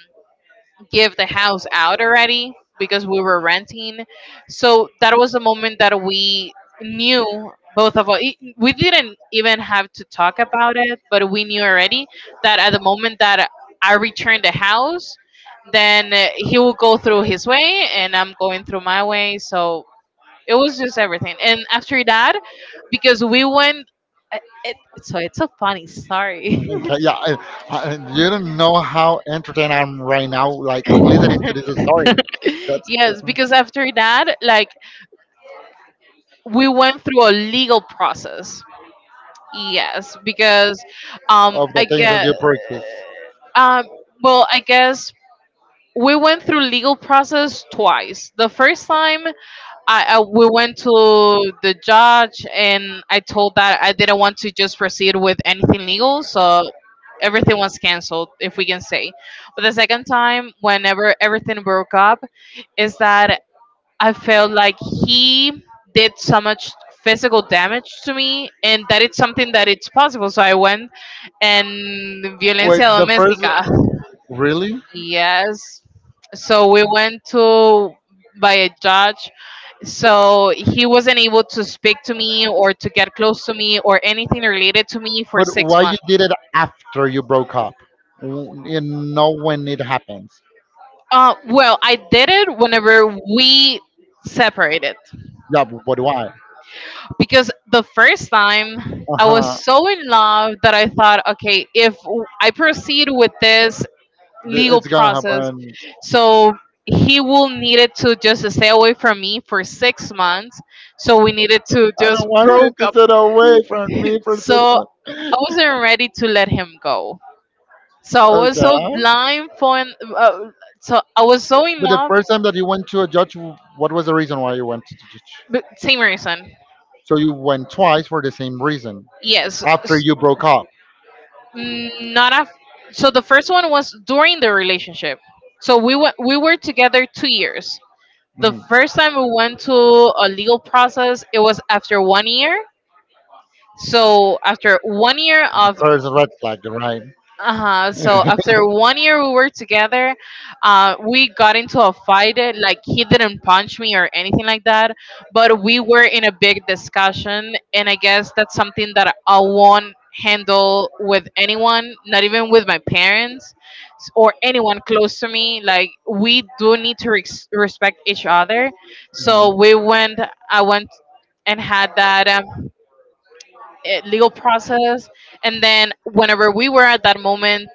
Speaker 2: give the house out already because we were renting. So that was the moment that we knew, both of us. We didn't even have to talk about it, but we knew already that at the moment that I returned the house, then he will go through his way and I'm going through my way. So it was just everything. And after that, because we went, I- it, so it's a funny story.
Speaker 1: Mm, okay, yeah, you don't know how entertained I'm right now, like listening to this story. That's
Speaker 2: Yes,
Speaker 1: uh,
Speaker 2: because after that, like we went through a legal process. Yes, because um,
Speaker 1: of
Speaker 2: I
Speaker 1: the things that
Speaker 2: guess
Speaker 1: you purchase.
Speaker 2: um, well, I guess we went through legal process twice. The first time, I we went to the judge and I told that I didn't want to just proceed with anything legal, so everything was canceled if we can say. But the second time, whenever everything broke up, is that I felt like he did so much physical damage to me, and that it's something that it's possible, so I went and
Speaker 1: Even wait,
Speaker 2: violencia
Speaker 1: the though first
Speaker 2: domestica.
Speaker 1: really?
Speaker 2: Yes, so we went to by a judge, so he wasn't able to speak to me or to get close to me or anything related to me for
Speaker 1: But
Speaker 2: six
Speaker 1: why you
Speaker 2: months
Speaker 1: did it after you broke up? W- You know when it happens.
Speaker 2: Well, I did it whenever we separated
Speaker 1: Yeah, but why?
Speaker 2: because the first time
Speaker 1: I was
Speaker 2: I
Speaker 1: huh.
Speaker 2: was so in love that I thought, okay, if I proceed with this legal
Speaker 1: It's gonna
Speaker 2: process,
Speaker 1: happen.
Speaker 2: so he will needed to just stay away from me for 6 months. So we needed to
Speaker 1: I
Speaker 2: just
Speaker 1: don't want her
Speaker 2: broke
Speaker 1: to
Speaker 2: up.
Speaker 1: sit away from me for six
Speaker 2: So
Speaker 1: months.
Speaker 2: I wasn't ready to let him go. So I was
Speaker 1: Okay.
Speaker 2: so blind for, uh, so I was so in
Speaker 1: But the
Speaker 2: love.
Speaker 1: first time that you went to a judge, what was the reason why you went to judge?
Speaker 2: But same reason.
Speaker 1: So you went twice for the same reason.
Speaker 2: Yes.
Speaker 1: After you broke up.
Speaker 2: Mm, Not af- so the first one was during the relationship. So we went, we were together 2 years. The
Speaker 1: Mhm.
Speaker 2: first time we went to a legal process, it was after 1 year. So after 1 year of
Speaker 1: First red flag, right?
Speaker 2: uh-huh. So after 1 year we were together, we got into a fight. Like he didn't punch me or anything like that, but we were in a big discussion, and I guess that's something that I won't handle with anyone, not even with my parents or anyone close to me. Like we do need to respect each other. So we went. I went and had that. Legal process. And then whenever we were at that moment,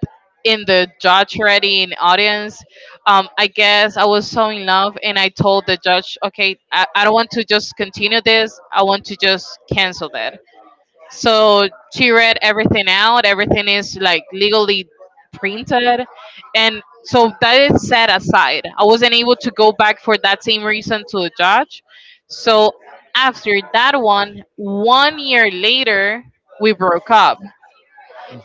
Speaker 2: in the judge already in audience, I guess I was so in love and I told the judge, "Okay, I don't want to just continue this. I want to just cancel that." So she read everything out. Everything is like legally printed. And so that is set aside. I wasn't able to go back for that same reason to the judge. So after that, 1 year later, we broke up.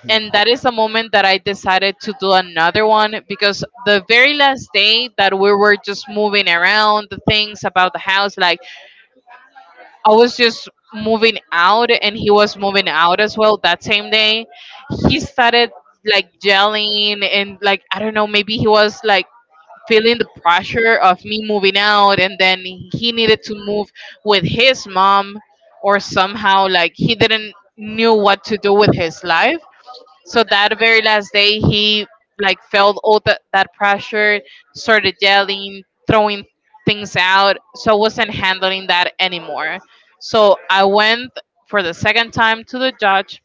Speaker 2: And that is the moment that I decided to do another one, because the very last day that we were just moving around the things about the house, like, I was just moving out and he was moving out as well that same day. He started like yelling and, like, I don't know, maybe he was like feeling the pressure of me moving out, and then he needed to move with his mom, or somehow like he didn't knew what to do with his life. So that very last day he like felt all that pressure, started yelling, throwing things out, so I wasn't handling that anymore. So I went for the second time to the judge,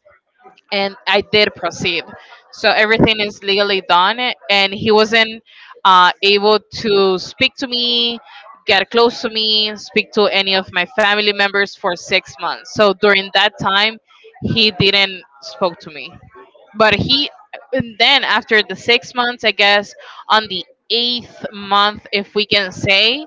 Speaker 2: and I did proceed. So everything is legally done, and he wasn't able to speak to me, get close to me, speak to any of my family members for 6 months. So during that time, he didn't spoke to me. But he, and then after the 6 months, I guess on the eighth month, if we can say,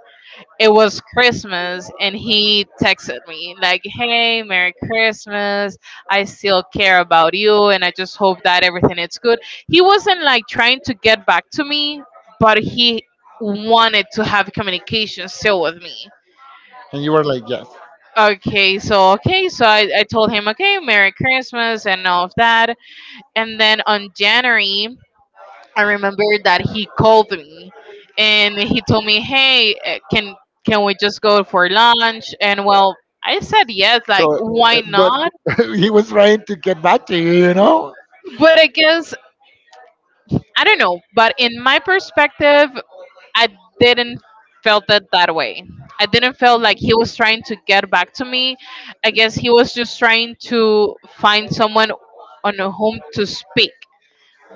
Speaker 2: it was Christmas and he texted me like, "Hey, Merry Christmas. I still care about you and I just hope that everything is good." He wasn't like trying to get back to me, but he wanted to have communication still with me.
Speaker 1: Were like, yes.
Speaker 2: Okay, so I told him, "Okay, Merry Christmas and all of that." And then on January I remember that he called me and he told me, "Hey, can we just go for lunch?" And, well, I said yes, like
Speaker 1: So,
Speaker 2: why
Speaker 1: but
Speaker 2: not?
Speaker 1: he was trying to get back to you, you know.
Speaker 2: But I guess, I don't know, but in my perspective, I didn't felt it that way. I didn't feel like he was trying to get back to me. I guess he was just trying to find someone on whom to speak,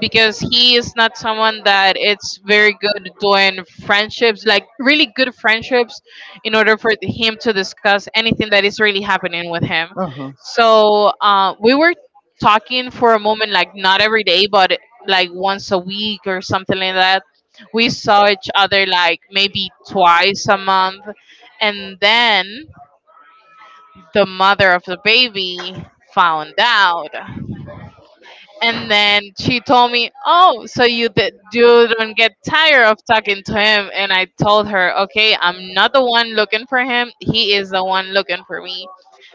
Speaker 2: because he is not someone that it's very good doing friendships, like really good friendships, in order for him to discuss anything that is really happening with him.
Speaker 1: Uh-huh.
Speaker 2: So we were talking for a moment, like not every day, but like once a week or something like that. We saw each other like maybe twice a month, and then the mother of the baby found out. And then she told me, "Oh, so you did, you don't get tired of talking to him?" And I told her, "Okay, I'm not the one looking for him. He is the one looking for me."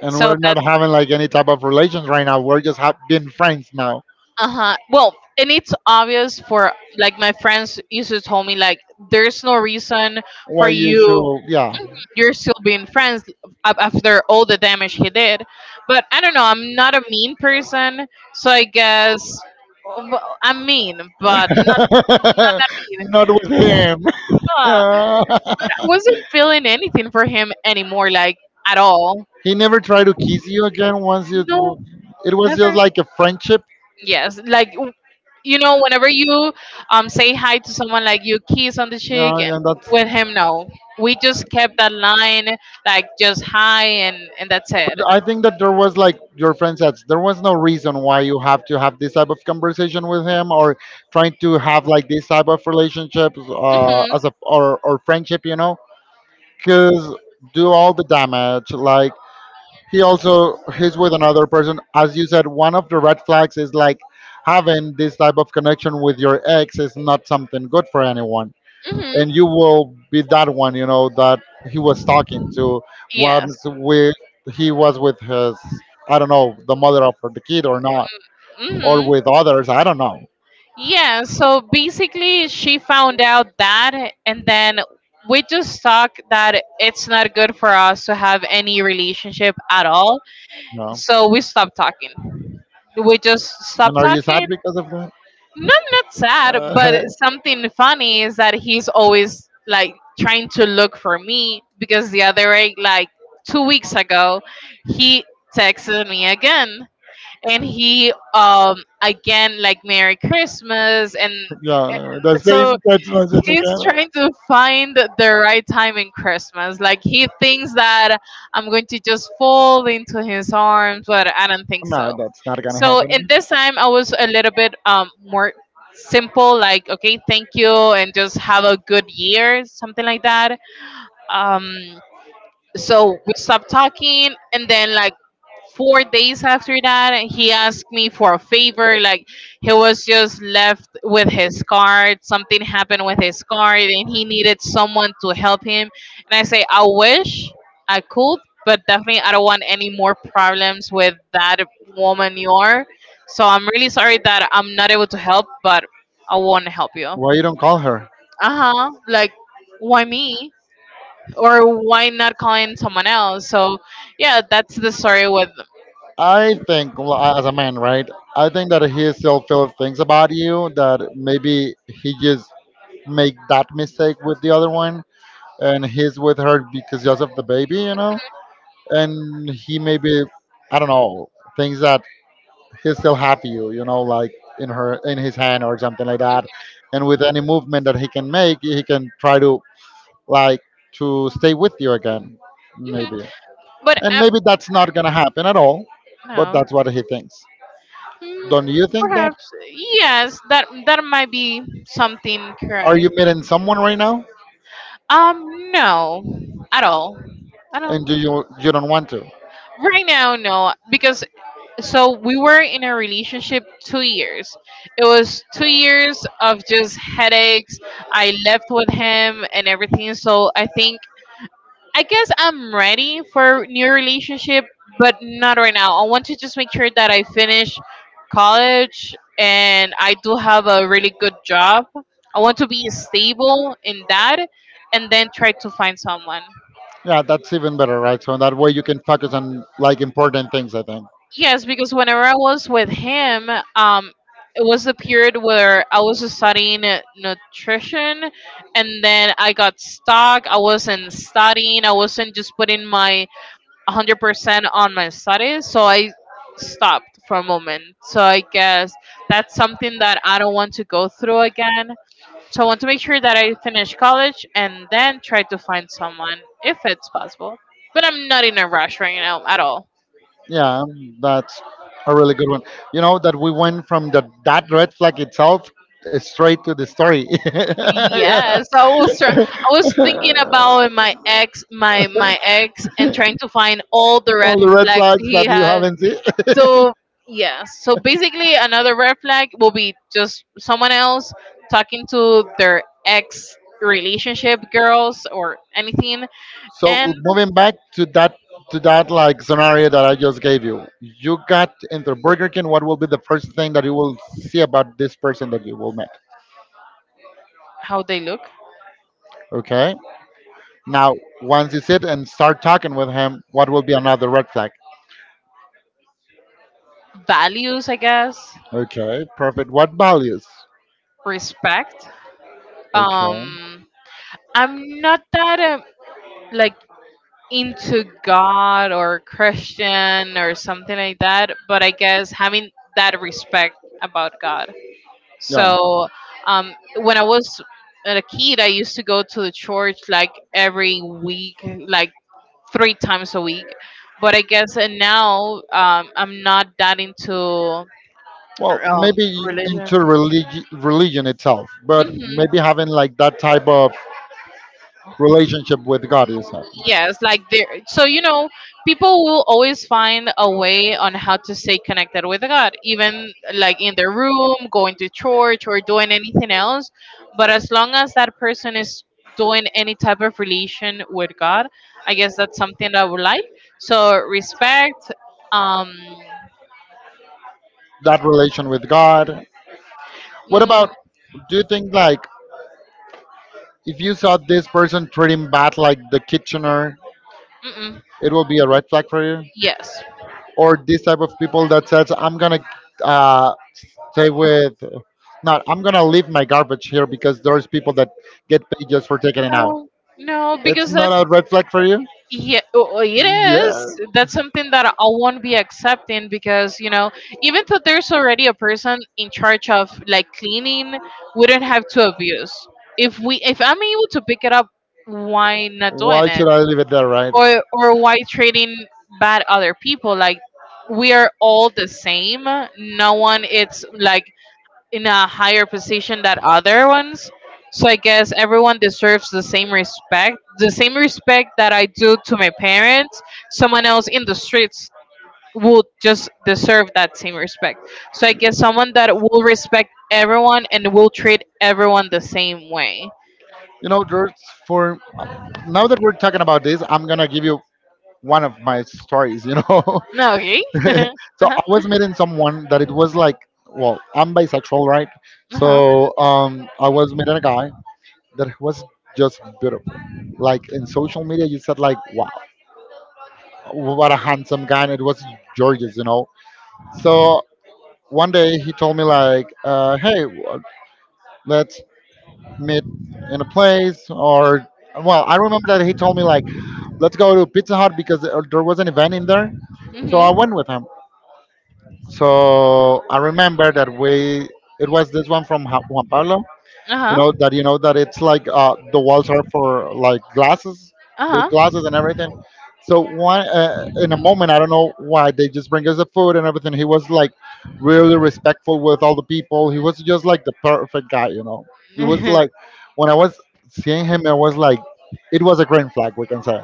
Speaker 1: And
Speaker 2: So
Speaker 1: we're
Speaker 2: that.
Speaker 1: not having like any type of relations right now. We're just being friends now.
Speaker 2: Uh huh. Well, and it's obvious, for like my friends used to tell me like, "There's no reason
Speaker 1: Why
Speaker 2: for
Speaker 1: you
Speaker 2: you.
Speaker 1: should, yeah.
Speaker 2: You're still being friends after all the damage he did." But I don't know. I'm not a mean person, so I guess, well, I'm mean, but not mean.
Speaker 1: Not with him.
Speaker 2: Ah. I wasn't feeling anything for him anymore, like at all.
Speaker 1: He never tried to kiss you again once you
Speaker 2: No,
Speaker 1: it was just
Speaker 2: never.
Speaker 1: like a friendship.
Speaker 2: Yes, like whenever you say hi to someone, like you kiss on the cheek, and
Speaker 1: Yeah, and that's.
Speaker 2: with him, no, we just kept that line, like just hi, and that's
Speaker 1: But
Speaker 2: it.
Speaker 1: I think that there was like your friend says, there was no reason why you have to have this type of conversation with him or trying to have like this type of relationships
Speaker 2: Mhm,
Speaker 1: as a or friendship, you know, because do all the damage. Like he also he's with another person, as you said. One of the red flags is like having this type of connection with your ex is not something good for anyone, and
Speaker 2: mhm.
Speaker 1: you will be that one, you know, that he was talking to
Speaker 2: Yes.
Speaker 1: once with he was with his, I don't know, the mother of the kid or not, or
Speaker 2: Mhm.
Speaker 1: with others, I don't know,
Speaker 2: Yeah. So basically, she found out that, and then we just talked that it's not good for us to have any relationship at all.
Speaker 1: you know.
Speaker 2: So we stopped talking. We just
Speaker 1: And
Speaker 2: stopped
Speaker 1: are you sad
Speaker 2: talking.
Speaker 1: because of that?
Speaker 2: No, I'm not sad, but
Speaker 1: Uh,
Speaker 2: something funny is that he's always like trying to look for me, because the other day, like 2 weeks ago, he texted me again and he again like, "Merry Christmas," and
Speaker 1: yeah, the same
Speaker 2: so
Speaker 1: text message
Speaker 2: he's
Speaker 1: again.
Speaker 2: trying to find the right time in Christmas. Like he thinks that I'm going to just fall into his arms, but I don't think
Speaker 1: No,
Speaker 2: so.
Speaker 1: that's not gonna
Speaker 2: So
Speaker 1: happen.
Speaker 2: in this time, I was a little bit more simple, like, "Okay, thank you, and just have a good year," something like that. Um, so we stopped talking, and then like 4 days after that he asked me for a favor, like he was just left with his card, something happened with his card and he needed someone to help him. And I say, "I wish I could, but definitely I don't want any more problems with that woman you are, so I'm really sorry that I'm not able to help, but I want to help you."
Speaker 1: Why you don't call her?
Speaker 2: Uh-huh. Like, why me, or why not calling someone else? So yeah, that's the story with.
Speaker 1: I think, well, as a man, right? I think that he still feels things about you that maybe he just make that mistake with the other one, and he's with her because just of the baby, you know. And he maybe, I don't know, thinks that he's still happy you, you know, like in her in his hand or something like that. And with any movement that he can make, he can try to like to stay with you again,
Speaker 2: Mhm.
Speaker 1: maybe.
Speaker 2: But
Speaker 1: And maybe that's not going to happen at all, but
Speaker 2: no.
Speaker 1: that's what he thinks.
Speaker 2: Mm,
Speaker 1: Don't you think that?
Speaker 2: Perhaps, yes, that might be something
Speaker 1: Are you
Speaker 2: correct.
Speaker 1: meeting someone right now
Speaker 2: Um, no, at all, at all.
Speaker 1: and do you don't want to?
Speaker 2: Right now, no, because, so we were in a relationship 2 years. It was 2 years of just headaches. I left with him and everything. So I think, I guess, I'm ready for new relationship, but not right now. I want to just make sure that I finish college and I do have a really good job. I want to be stable in that and then try to find someone.
Speaker 1: Yeah, that's even better, right? So that way you can focus on like important things, I think.
Speaker 2: Yes, because whenever I was with him, um, it was the period where I was studying nutrition, and then I got stuck. I wasn't studying. I wasn't just putting my 100% on my studies. So I stopped for a moment. So I guess that's something that I don't want to go through again. So I want to make sure that I finish college and then try to find someone if it's possible, but I'm not in a rush right now at all.
Speaker 1: Yeah, that's a really good one. You know that we went from the that red flag itself straight to the story.
Speaker 2: Yes,
Speaker 1: Yeah.
Speaker 2: I was thinking about my ex, and trying to find all the red
Speaker 1: All the red
Speaker 2: flags
Speaker 1: flags
Speaker 2: he
Speaker 1: that you
Speaker 2: had.
Speaker 1: haven't seen.
Speaker 2: So yeah, so basically another red flag will be just someone else talking to their ex, relationship girls or anything.
Speaker 1: So
Speaker 2: And
Speaker 1: moving back to that like scenario that I just gave you, you got into Burger King. What will be the first thing that you will see about this person that you will meet?
Speaker 2: how they look.
Speaker 1: Okay. Now, once you sit and start talking with him, what will be another red flag?
Speaker 2: Values, I guess.
Speaker 1: Okay, perfect. What values?
Speaker 2: Respect.
Speaker 1: Okay.
Speaker 2: Um I'm not that like, into God or Christian or something like that, but I guess having that respect about God.
Speaker 1: Yeah.
Speaker 2: So when I was a kid, I used to go to the church like every week, like 3 times a week. But I guess now, I'm not that into
Speaker 1: Well, maybe
Speaker 2: religion.
Speaker 1: into religion itself, but
Speaker 2: Hmm.
Speaker 1: maybe having like that type of relationship with God you said.
Speaker 2: Yes, like there. So people will always find a way on how to stay connected with God, even like in their room, going to church, or doing anything else. But as long as that person is doing any type of relation with God, I guess that's something that I would like. So, respect. Um.
Speaker 1: That relation with God. What
Speaker 2: Mm.
Speaker 1: about, do you think like if you saw this person treating bad like the kitchener,
Speaker 2: Mm-mm.
Speaker 1: it will be a red flag for you,
Speaker 2: Yes.
Speaker 1: or this type of people that says I'm gonna uh, stay with, not I'm gonna leave my garbage here because there's people that get paid just for taking it out?
Speaker 2: No. No,
Speaker 1: It's
Speaker 2: because that.
Speaker 1: not a red flag for you?
Speaker 2: Yeah, oh, oh, it
Speaker 1: Yeah.
Speaker 2: is. That's something that I won't be accepting because, even though there's already a person in charge of like cleaning, we don't have to abuse. If I'm able to pick it up, why not
Speaker 1: Why
Speaker 2: doing it?
Speaker 1: should I leave it there, right?
Speaker 2: Or why treating bad other people? Like, we are all the same. No one it's like in a higher position than other ones. So I guess everyone deserves the same respect that I do to my parents. Someone else in the streets would just deserve that same respect. So I guess someone that will respect everyone and will treat everyone the same way.
Speaker 1: You know, George, for now that we're talking about this, I'm gonna give you one of my stories. You know,
Speaker 2: No, okay.
Speaker 1: so
Speaker 2: Uh-huh.
Speaker 1: I was meeting someone that it was like, well, I'm bisexual, right?
Speaker 2: Uh-huh.
Speaker 1: So I was meeting a guy that was just beautiful. Like in social media, you said like, wow, what a handsome guy, and it was gorgeous, you know. So one day he told me like, "Hey, let's meet in a place." Or well, I remember that he told me like, "Let's go to Pizza Hut because there was an event in there." So I
Speaker 2: Mhm.
Speaker 1: went with him. So I remember that we, it was this one from Juan Pablo, you
Speaker 2: Uh-huh.
Speaker 1: know that, it's like the walls are for like glasses, big
Speaker 2: Uh-huh.
Speaker 1: glasses and everything. So one, in a moment, I don't know why, they just bring us the food and everything. He was like really respectful with all the people. He was just like the perfect guy, you know. It was
Speaker 2: Uh-huh.
Speaker 1: like, when I was seeing him, I was like, it was a green flag, we can say.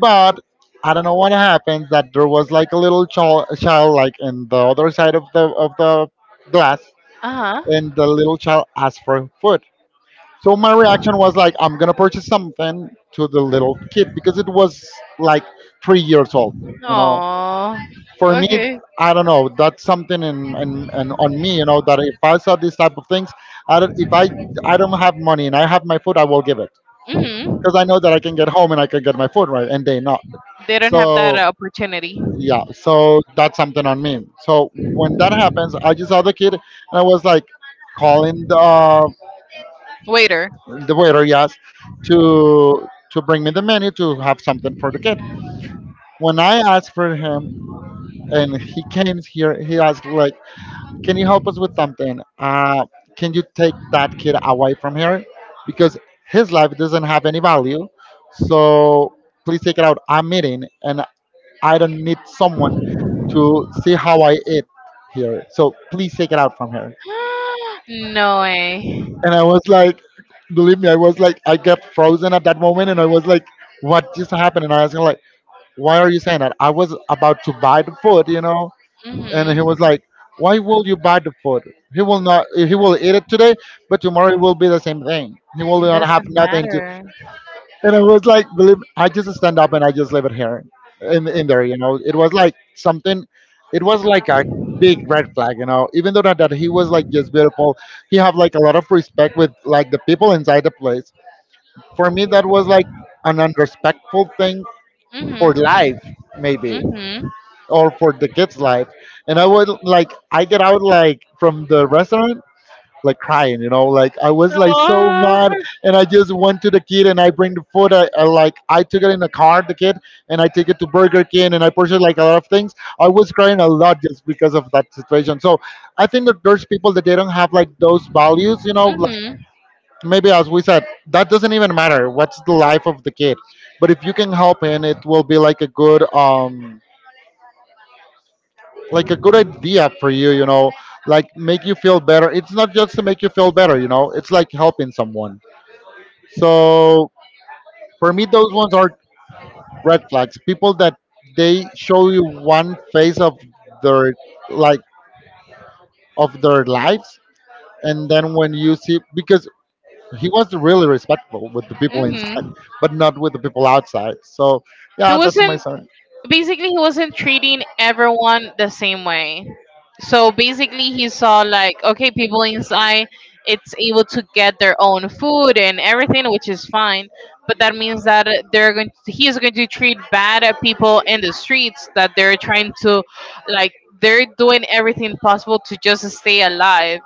Speaker 1: But I don't know what happened, that there was like a little child like in the other side of the glass, and the little child asked for food. So my reaction was like, I'm gonna purchase something to the little kid because it was like 3 years old. You know,
Speaker 2: Oh.
Speaker 1: for me,
Speaker 2: Okay.
Speaker 1: I don't know. That's something in on me. You know that if I saw these type of things, I don't, if I I don't have money and I have my food, I will give it,
Speaker 2: Mhm.
Speaker 1: because I know that I can get home and I can get my food, right, and they not.
Speaker 2: They don't have that
Speaker 1: So
Speaker 2: opportunity.
Speaker 1: yeah, so that's something on me. So when that happens, I just saw the kid and I was like calling the
Speaker 2: Waiter.
Speaker 1: the waiter yes, to bring me the menu to have something for the kid. When I asked for him and he came here, he asked like, can you help us with something, can you take that kid away from here, because his life doesn't have any value, so please take it out, I'm eating and I don't need someone to see how I eat here, so please take it out from here.
Speaker 2: No way.
Speaker 1: And I was like, believe me, I was like, I got frozen at that moment, and I was like, what just happened? And I asked him like, why are you saying that? I was about to buy the food, you know, and he
Speaker 2: Mhm.
Speaker 1: was like, why will you buy the food? He will not. He will eat it today, but tomorrow it will be the same thing. He will
Speaker 2: It
Speaker 1: not have
Speaker 2: doesn't
Speaker 1: nothing to.
Speaker 2: matter.
Speaker 1: And I was like, believe, I just stand up and I just leave it here, in there. You know, it was like something. It was like a big red flag, you know. Even though that he was like just beautiful, he have like a lot of respect with like the people inside the place. For me, that was like an unrespectful thing for
Speaker 2: Mhm.
Speaker 1: life, maybe,
Speaker 2: Mhm.
Speaker 1: or for the kids' life. And I would like, I get out like from the restaurant like crying, you know, like I was like so mad,
Speaker 2: Oh.
Speaker 1: and I just went to the kid and I bring the food. I like I took it in the car, the kid, and I take it to Burger King and I purchased like a lot of things. I was crying a lot just because of that situation. So I think that there's people that they don't have like those values, you know, like
Speaker 2: Mm-hmm.
Speaker 1: maybe as we said, that doesn't even matter. What's the life of the kid? But if you can help and it will be like a good like a good idea for you, you know, like make you feel better. It's not just to make you feel better, you know, it's like helping someone. So for me, those ones are red flags. People that they show you one phase of their, like, of their lives, and then when you see, because he was really respectful with the people inside,
Speaker 2: Mm-hmm.
Speaker 1: but not with the people outside. So
Speaker 2: He
Speaker 1: yeah, that's my
Speaker 2: wasn't
Speaker 1: son.
Speaker 2: Basically, he wasn't treating everyone the same way. So basically he saw like, okay, people inside it's able to get their own food and everything, which is fine, but that means that, they're going he is going to treat bad people in the streets that they're trying to, like, they're doing everything possible to just stay alive.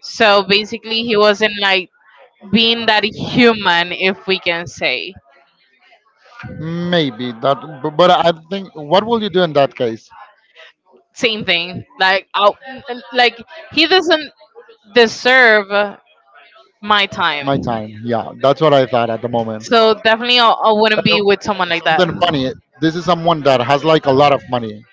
Speaker 2: So basically he wasn't like being that human, if we can say.
Speaker 1: Maybe that, but I think, what will you do in that case?
Speaker 2: Same thing like out, like, he doesn't deserve my
Speaker 1: My
Speaker 2: time.
Speaker 1: time. Yeah, that's what I thought at the moment.
Speaker 2: So definitely, I wouldn't
Speaker 1: Uh,
Speaker 2: be with someone like that.
Speaker 1: Something funny. This is someone that has like a lot of money,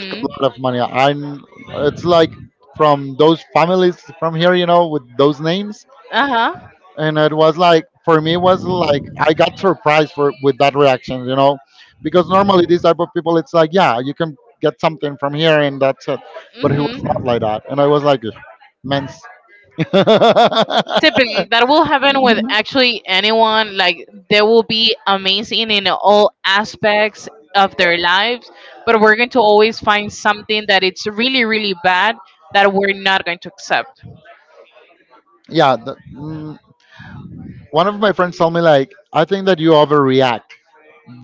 Speaker 1: like a lot of money. I'm. It's like from those families from here, you know, with those names.
Speaker 2: Uh huh.
Speaker 1: And it was like, for me, it was like I got surprised for with that reaction, you know, because normally these type of people, it's like, yeah, you can get something from here and that's it. But he was
Speaker 2: Mhm.
Speaker 1: not like that, and I was like, men's.
Speaker 2: Typically, that will happen with actually anyone. Like, they will be amazing in all aspects of their lives, but we're going to always find something that it's really, really bad that we're not going to accept.
Speaker 1: Yeah, the, one of my friends told me like, I think that you overreact,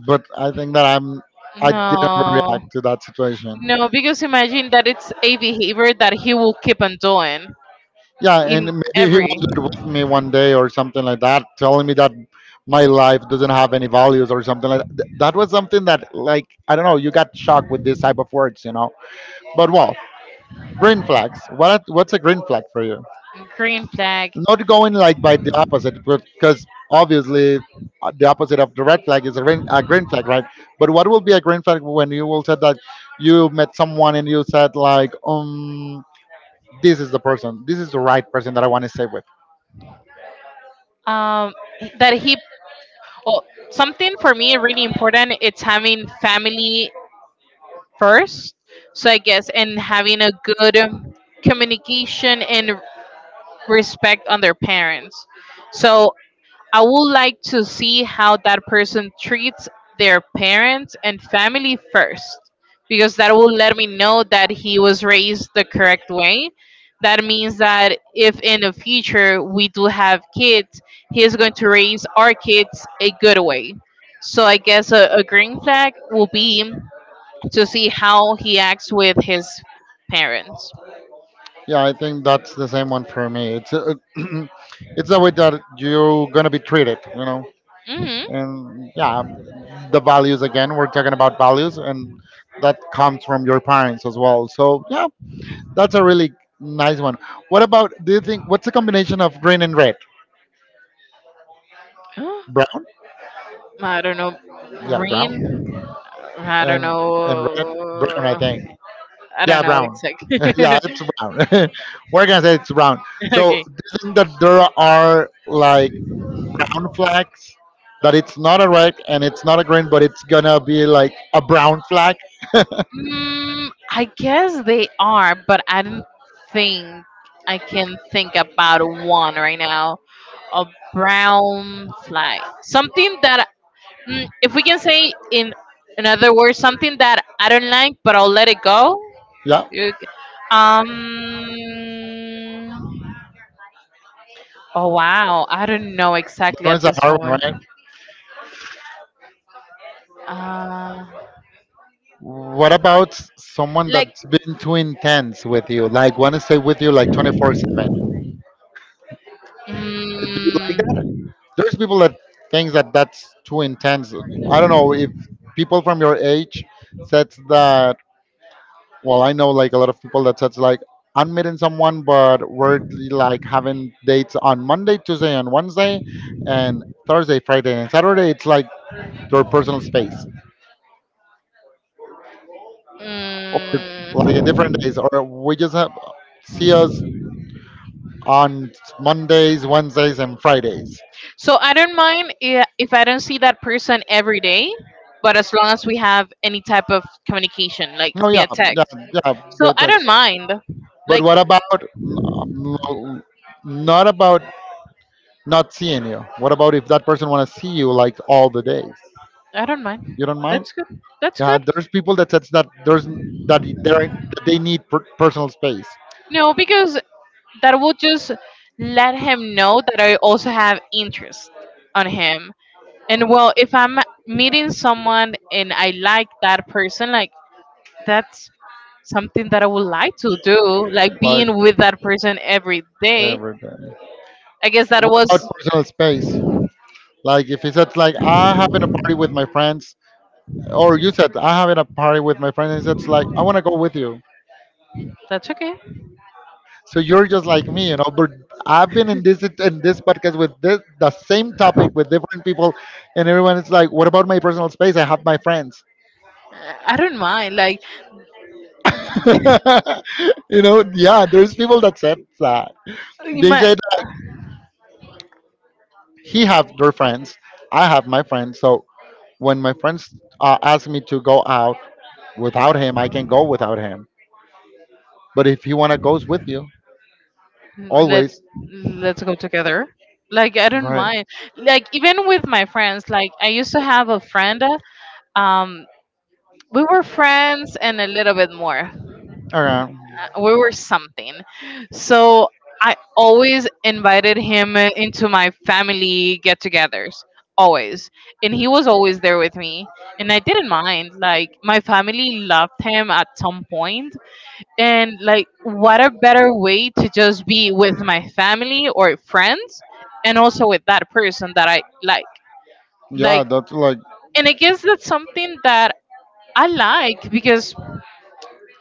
Speaker 1: but I think that I didn't
Speaker 2: No,
Speaker 1: overreact to that situation.
Speaker 2: no, because imagine that it's a behavior that he will keep on doing
Speaker 1: Yeah, and
Speaker 2: in
Speaker 1: maybe he
Speaker 2: every.
Speaker 1: will do it with me one day or something like that, telling me that my life doesn't have any values or something like that. That was something that like I don't know. You got shocked with this type of words, you know. But well, green flags. What's a green flag for you?
Speaker 2: Green flag.
Speaker 1: Not going like by the opposite, because obviously the opposite of the red flag is a green flag, right? But what will be a green flag when you will said that you met someone and you said like, this is the person, this is the right person that I want to stay with.
Speaker 2: Um, that he, well, something for me really important: it's having family first. So I guess, and having a good communication and respect on their parents. So I would like to see how that person treats their parents and family first, because that will let me know that he was raised the correct way. That means that if in the future we do have kids, he is going to raise our kids a good way. So I guess a green flag will be to see how he acts with his parents.
Speaker 1: Yeah, I think that's the same one for me. It's a, it's the way that you're gonna be treated, you know.
Speaker 2: Hmm.
Speaker 1: And yeah, the values, again, we're talking about values, and that comes from your parents as well. So yeah, that's a really nice one. What about, do you think, what's the combination of green and red? Brown.
Speaker 2: I don't know.
Speaker 1: Yeah, brown.
Speaker 2: Green. I don't
Speaker 1: and and red. Brown, I
Speaker 2: know.
Speaker 1: think.
Speaker 2: I
Speaker 1: Yeah,
Speaker 2: don't know
Speaker 1: brown.
Speaker 2: exactly.
Speaker 1: Yeah, it's brown. We're gonna say it's brown. So
Speaker 2: Okay.
Speaker 1: do you think that there are like brown flags, that it's not a red and it's not a green, but it's gonna be like a brown flag?
Speaker 2: I guess they are, but I don't think I can think about one right now. A brown fly. Something that, if we can say in other words, something that I don't like, but I'll let it go.
Speaker 1: Yeah,
Speaker 2: You g- Um. Oh wow, I don't know
Speaker 1: that
Speaker 2: exactly at
Speaker 1: one's a
Speaker 2: this
Speaker 1: hard one,
Speaker 2: moment.
Speaker 1: right?
Speaker 2: Uh,
Speaker 1: What about someone
Speaker 2: like.
Speaker 1: that's been too intense with you? Like, want to stay with you like 24/7? Do you like that?
Speaker 2: Mm.
Speaker 1: There's people that think that that's too intense. I don't know if people from your age said that. Well, I know like a lot of people that said like, I'm meeting someone, but we're like having dates on Monday, Tuesday, and Wednesday, and Thursday, Friday, and Saturday. It's like their personal space, or like in
Speaker 2: Mm.
Speaker 1: different days, or we just have see us on Mondays, Wednesdays, and Fridays.
Speaker 2: So I don't mind if I don't see that person every day, but as long as we have any type of communication, like
Speaker 1: Oh yeah,
Speaker 2: via
Speaker 1: yeah,
Speaker 2: text.
Speaker 1: yeah,
Speaker 2: So
Speaker 1: good
Speaker 2: I don't
Speaker 1: text.
Speaker 2: mind.
Speaker 1: But
Speaker 2: Like
Speaker 1: what about not about not seeing you? What about if that person want to see you like all the days?
Speaker 2: I don't mind.
Speaker 1: You don't mind?
Speaker 2: That's good. That's
Speaker 1: Yeah,
Speaker 2: good.
Speaker 1: there's people that says that there's that they that they need personal space.
Speaker 2: No, because that would just let him know that I also have interest on him. And well, if I'm meeting someone and I like
Speaker 1: And
Speaker 2: that person, like that's something that I would like to
Speaker 1: what,
Speaker 2: do, like being with that person every
Speaker 1: like,
Speaker 2: day.
Speaker 1: everything.
Speaker 2: I guess
Speaker 1: I. What about personal space? Like if he said, like I having a party with my friends, or you said I having a party with my friends, and said, like I want to go with you.
Speaker 2: that's okay.
Speaker 1: So you're just like me, you know. But I've been in this, in this podcast with this the same topic with different people, and everyone is like, "What about my personal space? I have my friends."
Speaker 2: I don't mind. Like
Speaker 1: You know, yeah, there's people that said that.
Speaker 2: you
Speaker 1: They
Speaker 2: might
Speaker 1: said like, he have their friends, I have my friends. So when my friends ask me to go out without him, I can go without him. But if he wanna goes with you,
Speaker 2: let
Speaker 1: always,
Speaker 2: let's go together. Like I don't
Speaker 1: right?
Speaker 2: mind. Like even with my friends, like I used to have a friend. Um, we were friends and a little bit more.
Speaker 1: Okay.
Speaker 2: We were something. So I always invited him into my family get togethers. Always. And he was always there with me. And I didn't mind. Like, my family loved him at some point. And, like, what a better way to just be with my family or friends and also with that person that I like.
Speaker 1: Yeah,
Speaker 2: Like,
Speaker 1: that's like
Speaker 2: and I guess that's something that I like because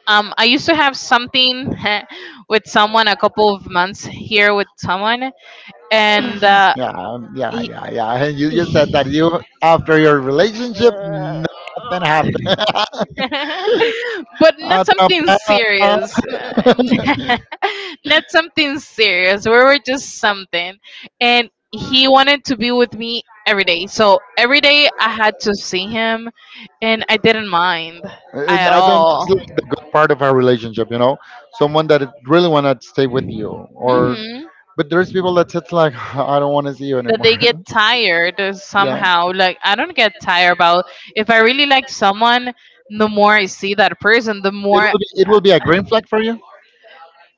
Speaker 2: I used to have something with someone a couple of months here with someone, and
Speaker 1: yeah, yeah,
Speaker 2: he,
Speaker 1: yeah, yeah. And you just said
Speaker 2: he-
Speaker 1: that you after your relationship nothing happened.
Speaker 2: but not something
Speaker 1: Atrapada.
Speaker 2: serious. Not something serious. We were just something, and he wanted to be with me every day. So every day I had to see him, and I didn't mind
Speaker 1: And
Speaker 2: at
Speaker 1: I think it's
Speaker 2: all.
Speaker 1: like the good part of our relationship, you know, someone that it really want to stay with you, or
Speaker 2: Mm-hmm.
Speaker 1: but there's people that it's like I don't want to see you
Speaker 2: That
Speaker 1: anymore.
Speaker 2: they get tired
Speaker 1: Yeah.
Speaker 2: somehow. Like I don't get tired about if I really like someone, the more I see that person, the
Speaker 1: It
Speaker 2: more.
Speaker 1: will be it will be a green flag for you.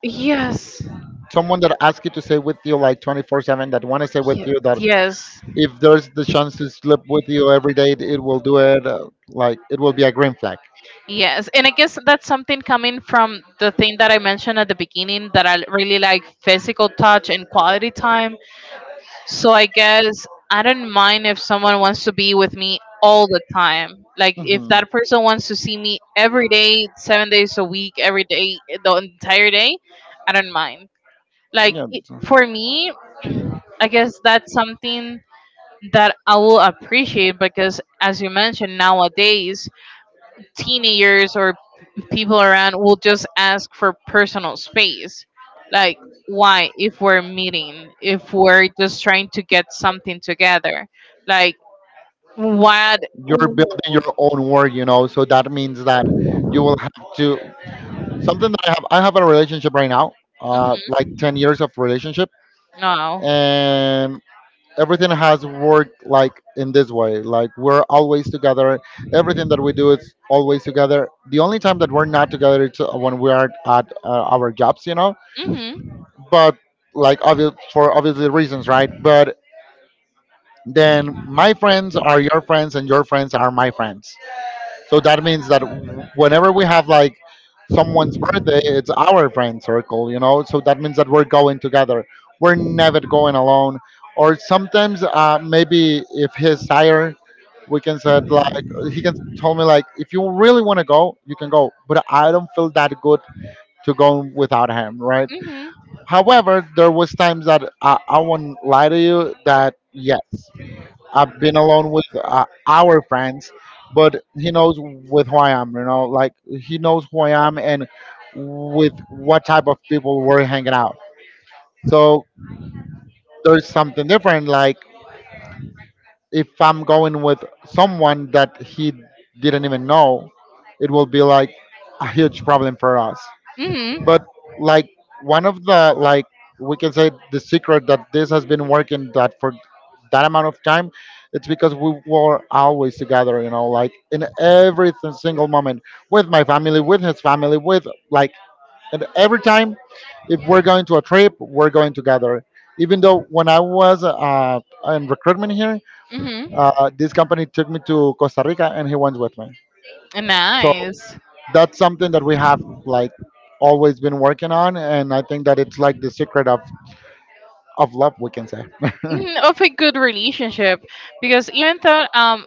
Speaker 2: Yes,
Speaker 1: Someone that asks you to stay with you like 24/7, that want to stay with
Speaker 2: ye-
Speaker 1: you, that
Speaker 2: yes,
Speaker 1: if there's the chance to sleep with you every day it will do it, like it will be a green flag.
Speaker 2: yes. And I guess that's something coming from the thing that I mentioned at the beginning that I really like physical touch and quality time. So I guess I don't mind if someone wants to be with me all the time. Like if
Speaker 1: Mhm.
Speaker 2: that person wants to see me every day, 7 days a week, every day, the entire day, I don't mind. Like
Speaker 1: yeah
Speaker 2: it,
Speaker 1: so-
Speaker 2: for me, I guess that's something that I will appreciate because, as you mentioned, nowadays teenagers or people around will just ask for personal space. Like, why? If we're meeting, if we're just trying to get something together, like, what?
Speaker 1: you're
Speaker 2: Mhm.
Speaker 1: building your own world, you know. So that means that you will have to something that I have. I have a relationship right now, like 10 years of relationship,
Speaker 2: No.
Speaker 1: and everything has worked like in this way. Like we're always together. Everything that we do is always together. The only time that we're not together is when we are at our jobs, you know.
Speaker 2: Mm-hmm.
Speaker 1: But like obvious for obviously reasons, right? But then my friends are your friends and your friends are my friends. So that means that whenever we have like someone's birthday, it's our friend circle, you know? So that means that we're going together. We're never going alone. Or sometimes maybe if his sire, we can said like he can tell me like if you really want to go, you can go. But I don't feel that good to go without him, right?
Speaker 2: Mm-hmm.
Speaker 1: However, there was times that I won't lie to you that yes. I've been alone with our friends, but he knows with who I am. You know, like he knows who I am and with what type of people we're hanging out. So there's something different. Like if I'm going with someone that he didn't even know, it will be like a huge problem for us.
Speaker 2: Mm-hmm.
Speaker 1: But like one of the like we can say the secret that this has been working that for that amount of time, it's because we were always together, you know, like in every single moment, with my family, with his family, with like, and every time if we're going to a trip we're going together. Even though when I was in recruitment here,
Speaker 2: Mm-hmm.
Speaker 1: this company took me to Costa Rica and he went with me. So
Speaker 2: Nice.
Speaker 1: that's something that we have like always been working on, and I think that it's like the secret of love we can say.
Speaker 2: Mhm. Of a good relationship, because even though,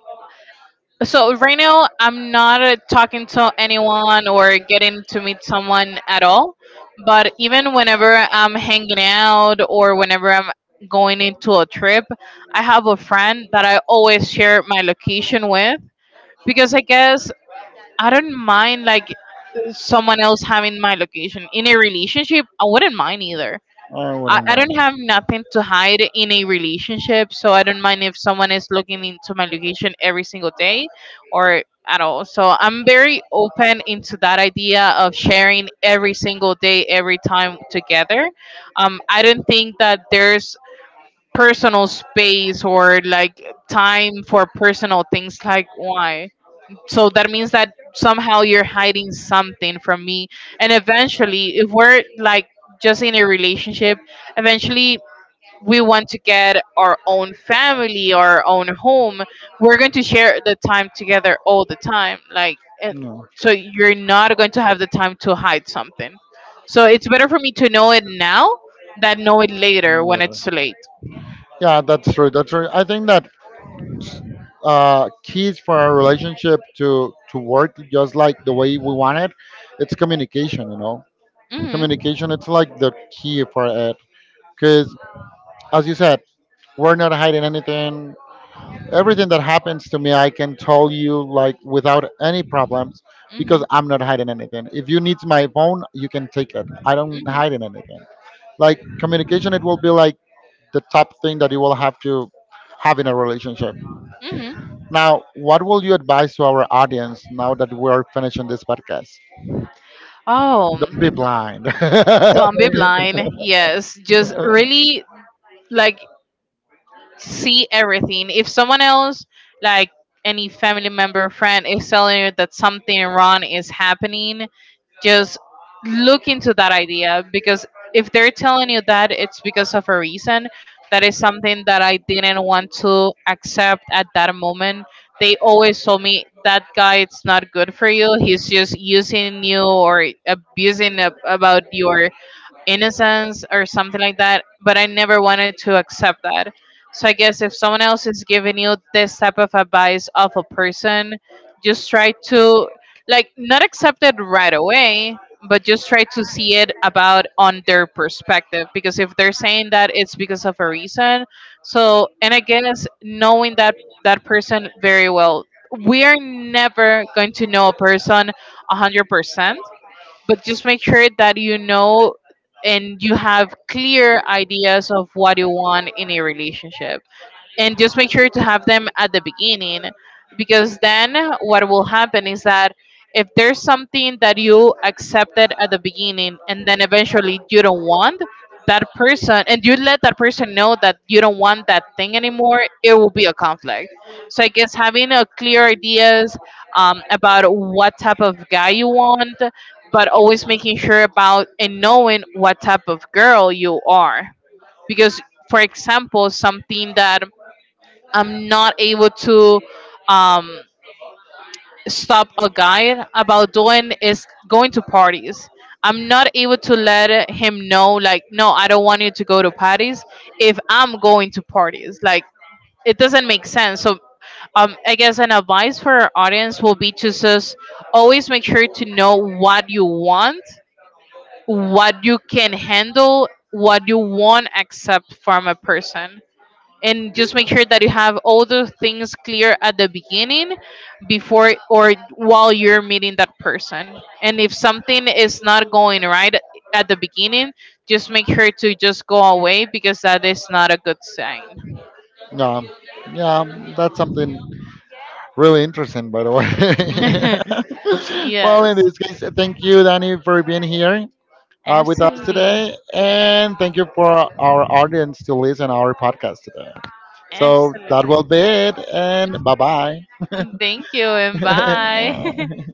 Speaker 2: so right now, I'm not talking to anyone or getting to meet someone at all. But even whenever I'm hanging out or whenever I'm going into a trip, I have a friend that I always share my location with, because I guess I don't mind like someone else having my location. In a relationship, I wouldn't mind either.
Speaker 1: Oh, what
Speaker 2: I,
Speaker 1: am
Speaker 2: I
Speaker 1: I?
Speaker 2: don't have nothing to hide in a relationship, so I don't mind if someone is looking into my location every single day or at all. So I'm very open into that idea of sharing every single day, every time together. I don't think that there's personal space or like time for personal things, like why. So that means that somehow you're hiding something from me. And eventually, if we're like just in a relationship, eventually we want to get our own family, our own home. We're going to share the time together all the time. Like, and
Speaker 1: No.
Speaker 2: so you're not going to have the time to hide something. So it's better for me to know it now than know it later when
Speaker 1: Later.
Speaker 2: it's too late.
Speaker 1: Yeah, that's true. That's true. I think that keys for our relationship to work just like the way we want it, it's communication. You know,
Speaker 2: Hmm.
Speaker 1: communication. It's like the key for it. Because as you said, we're not hiding anything. Everything that happens to me I can tell you like without any problems, because
Speaker 2: Hmm.
Speaker 1: I'm not hiding anything. If you need my phone you can take it, I don't
Speaker 2: Hmm.
Speaker 1: hide in anything. Like communication, it will be like the top thing that you will have to have in a relationship.
Speaker 2: Hmm.
Speaker 1: Now what will you advise to our audience, now that we're finishing this podcast?
Speaker 2: Oh.
Speaker 1: Don't be blind.
Speaker 2: Don't be blind. Yes, just really, like, see everything. If someone else, like, any family member, friend, is telling you that something wrong is happening, just look into that idea, because if they're telling you that, it's because of a reason. That is something that I didn't want to accept at that moment. They always told me that guy, it's not good for you, he's just using you or abusing about your innocence or something like that, but I never wanted to accept that. So I guess if someone else is giving you this type of advice of a person, just try to, like, not accept it right away, but just try to see it about on their perspective, because if they're saying that, it's because of a reason. So, and I guess knowing that that person very well, we are never going to know a person 100%, but just make sure that you know and you have clear ideas of what you want in a relationship, and just make sure to have them at the beginning. Because then what will happen is that if there's something that you accepted at the beginning and then eventually you don't want that person, and you let that person know that you don't want that thing anymore, it will be a conflict. So I guess having a clear ideas about what type of guy you want, but always making sure about and knowing what type of girl you are. Because for example, something that I'm not able to, um, stop a guy about doing is going to parties. I'm not able to let him know, like, no, I don't want you to go to parties if I'm going to parties. Like, it doesn't make sense. So, I guess an advice for our audience will be to just always make sure to know what you want, what you can handle, what you won't accept from a person, and just make sure that you have all the things clear at the beginning before or while you're meeting that person, and if something is not going right at the beginning, just make sure to just go away, because that is not a good sign.
Speaker 1: Yeah, yeah, that's something really interesting, by the way. Well, in
Speaker 2: Yes.
Speaker 1: this case, thank you, Danny, for being here with us
Speaker 2: Absolutely.
Speaker 1: today. And thank you for our audience to listen our podcast today. So that will
Speaker 2: Absolutely.
Speaker 1: be it. And bye bye.
Speaker 2: Thank you and bye.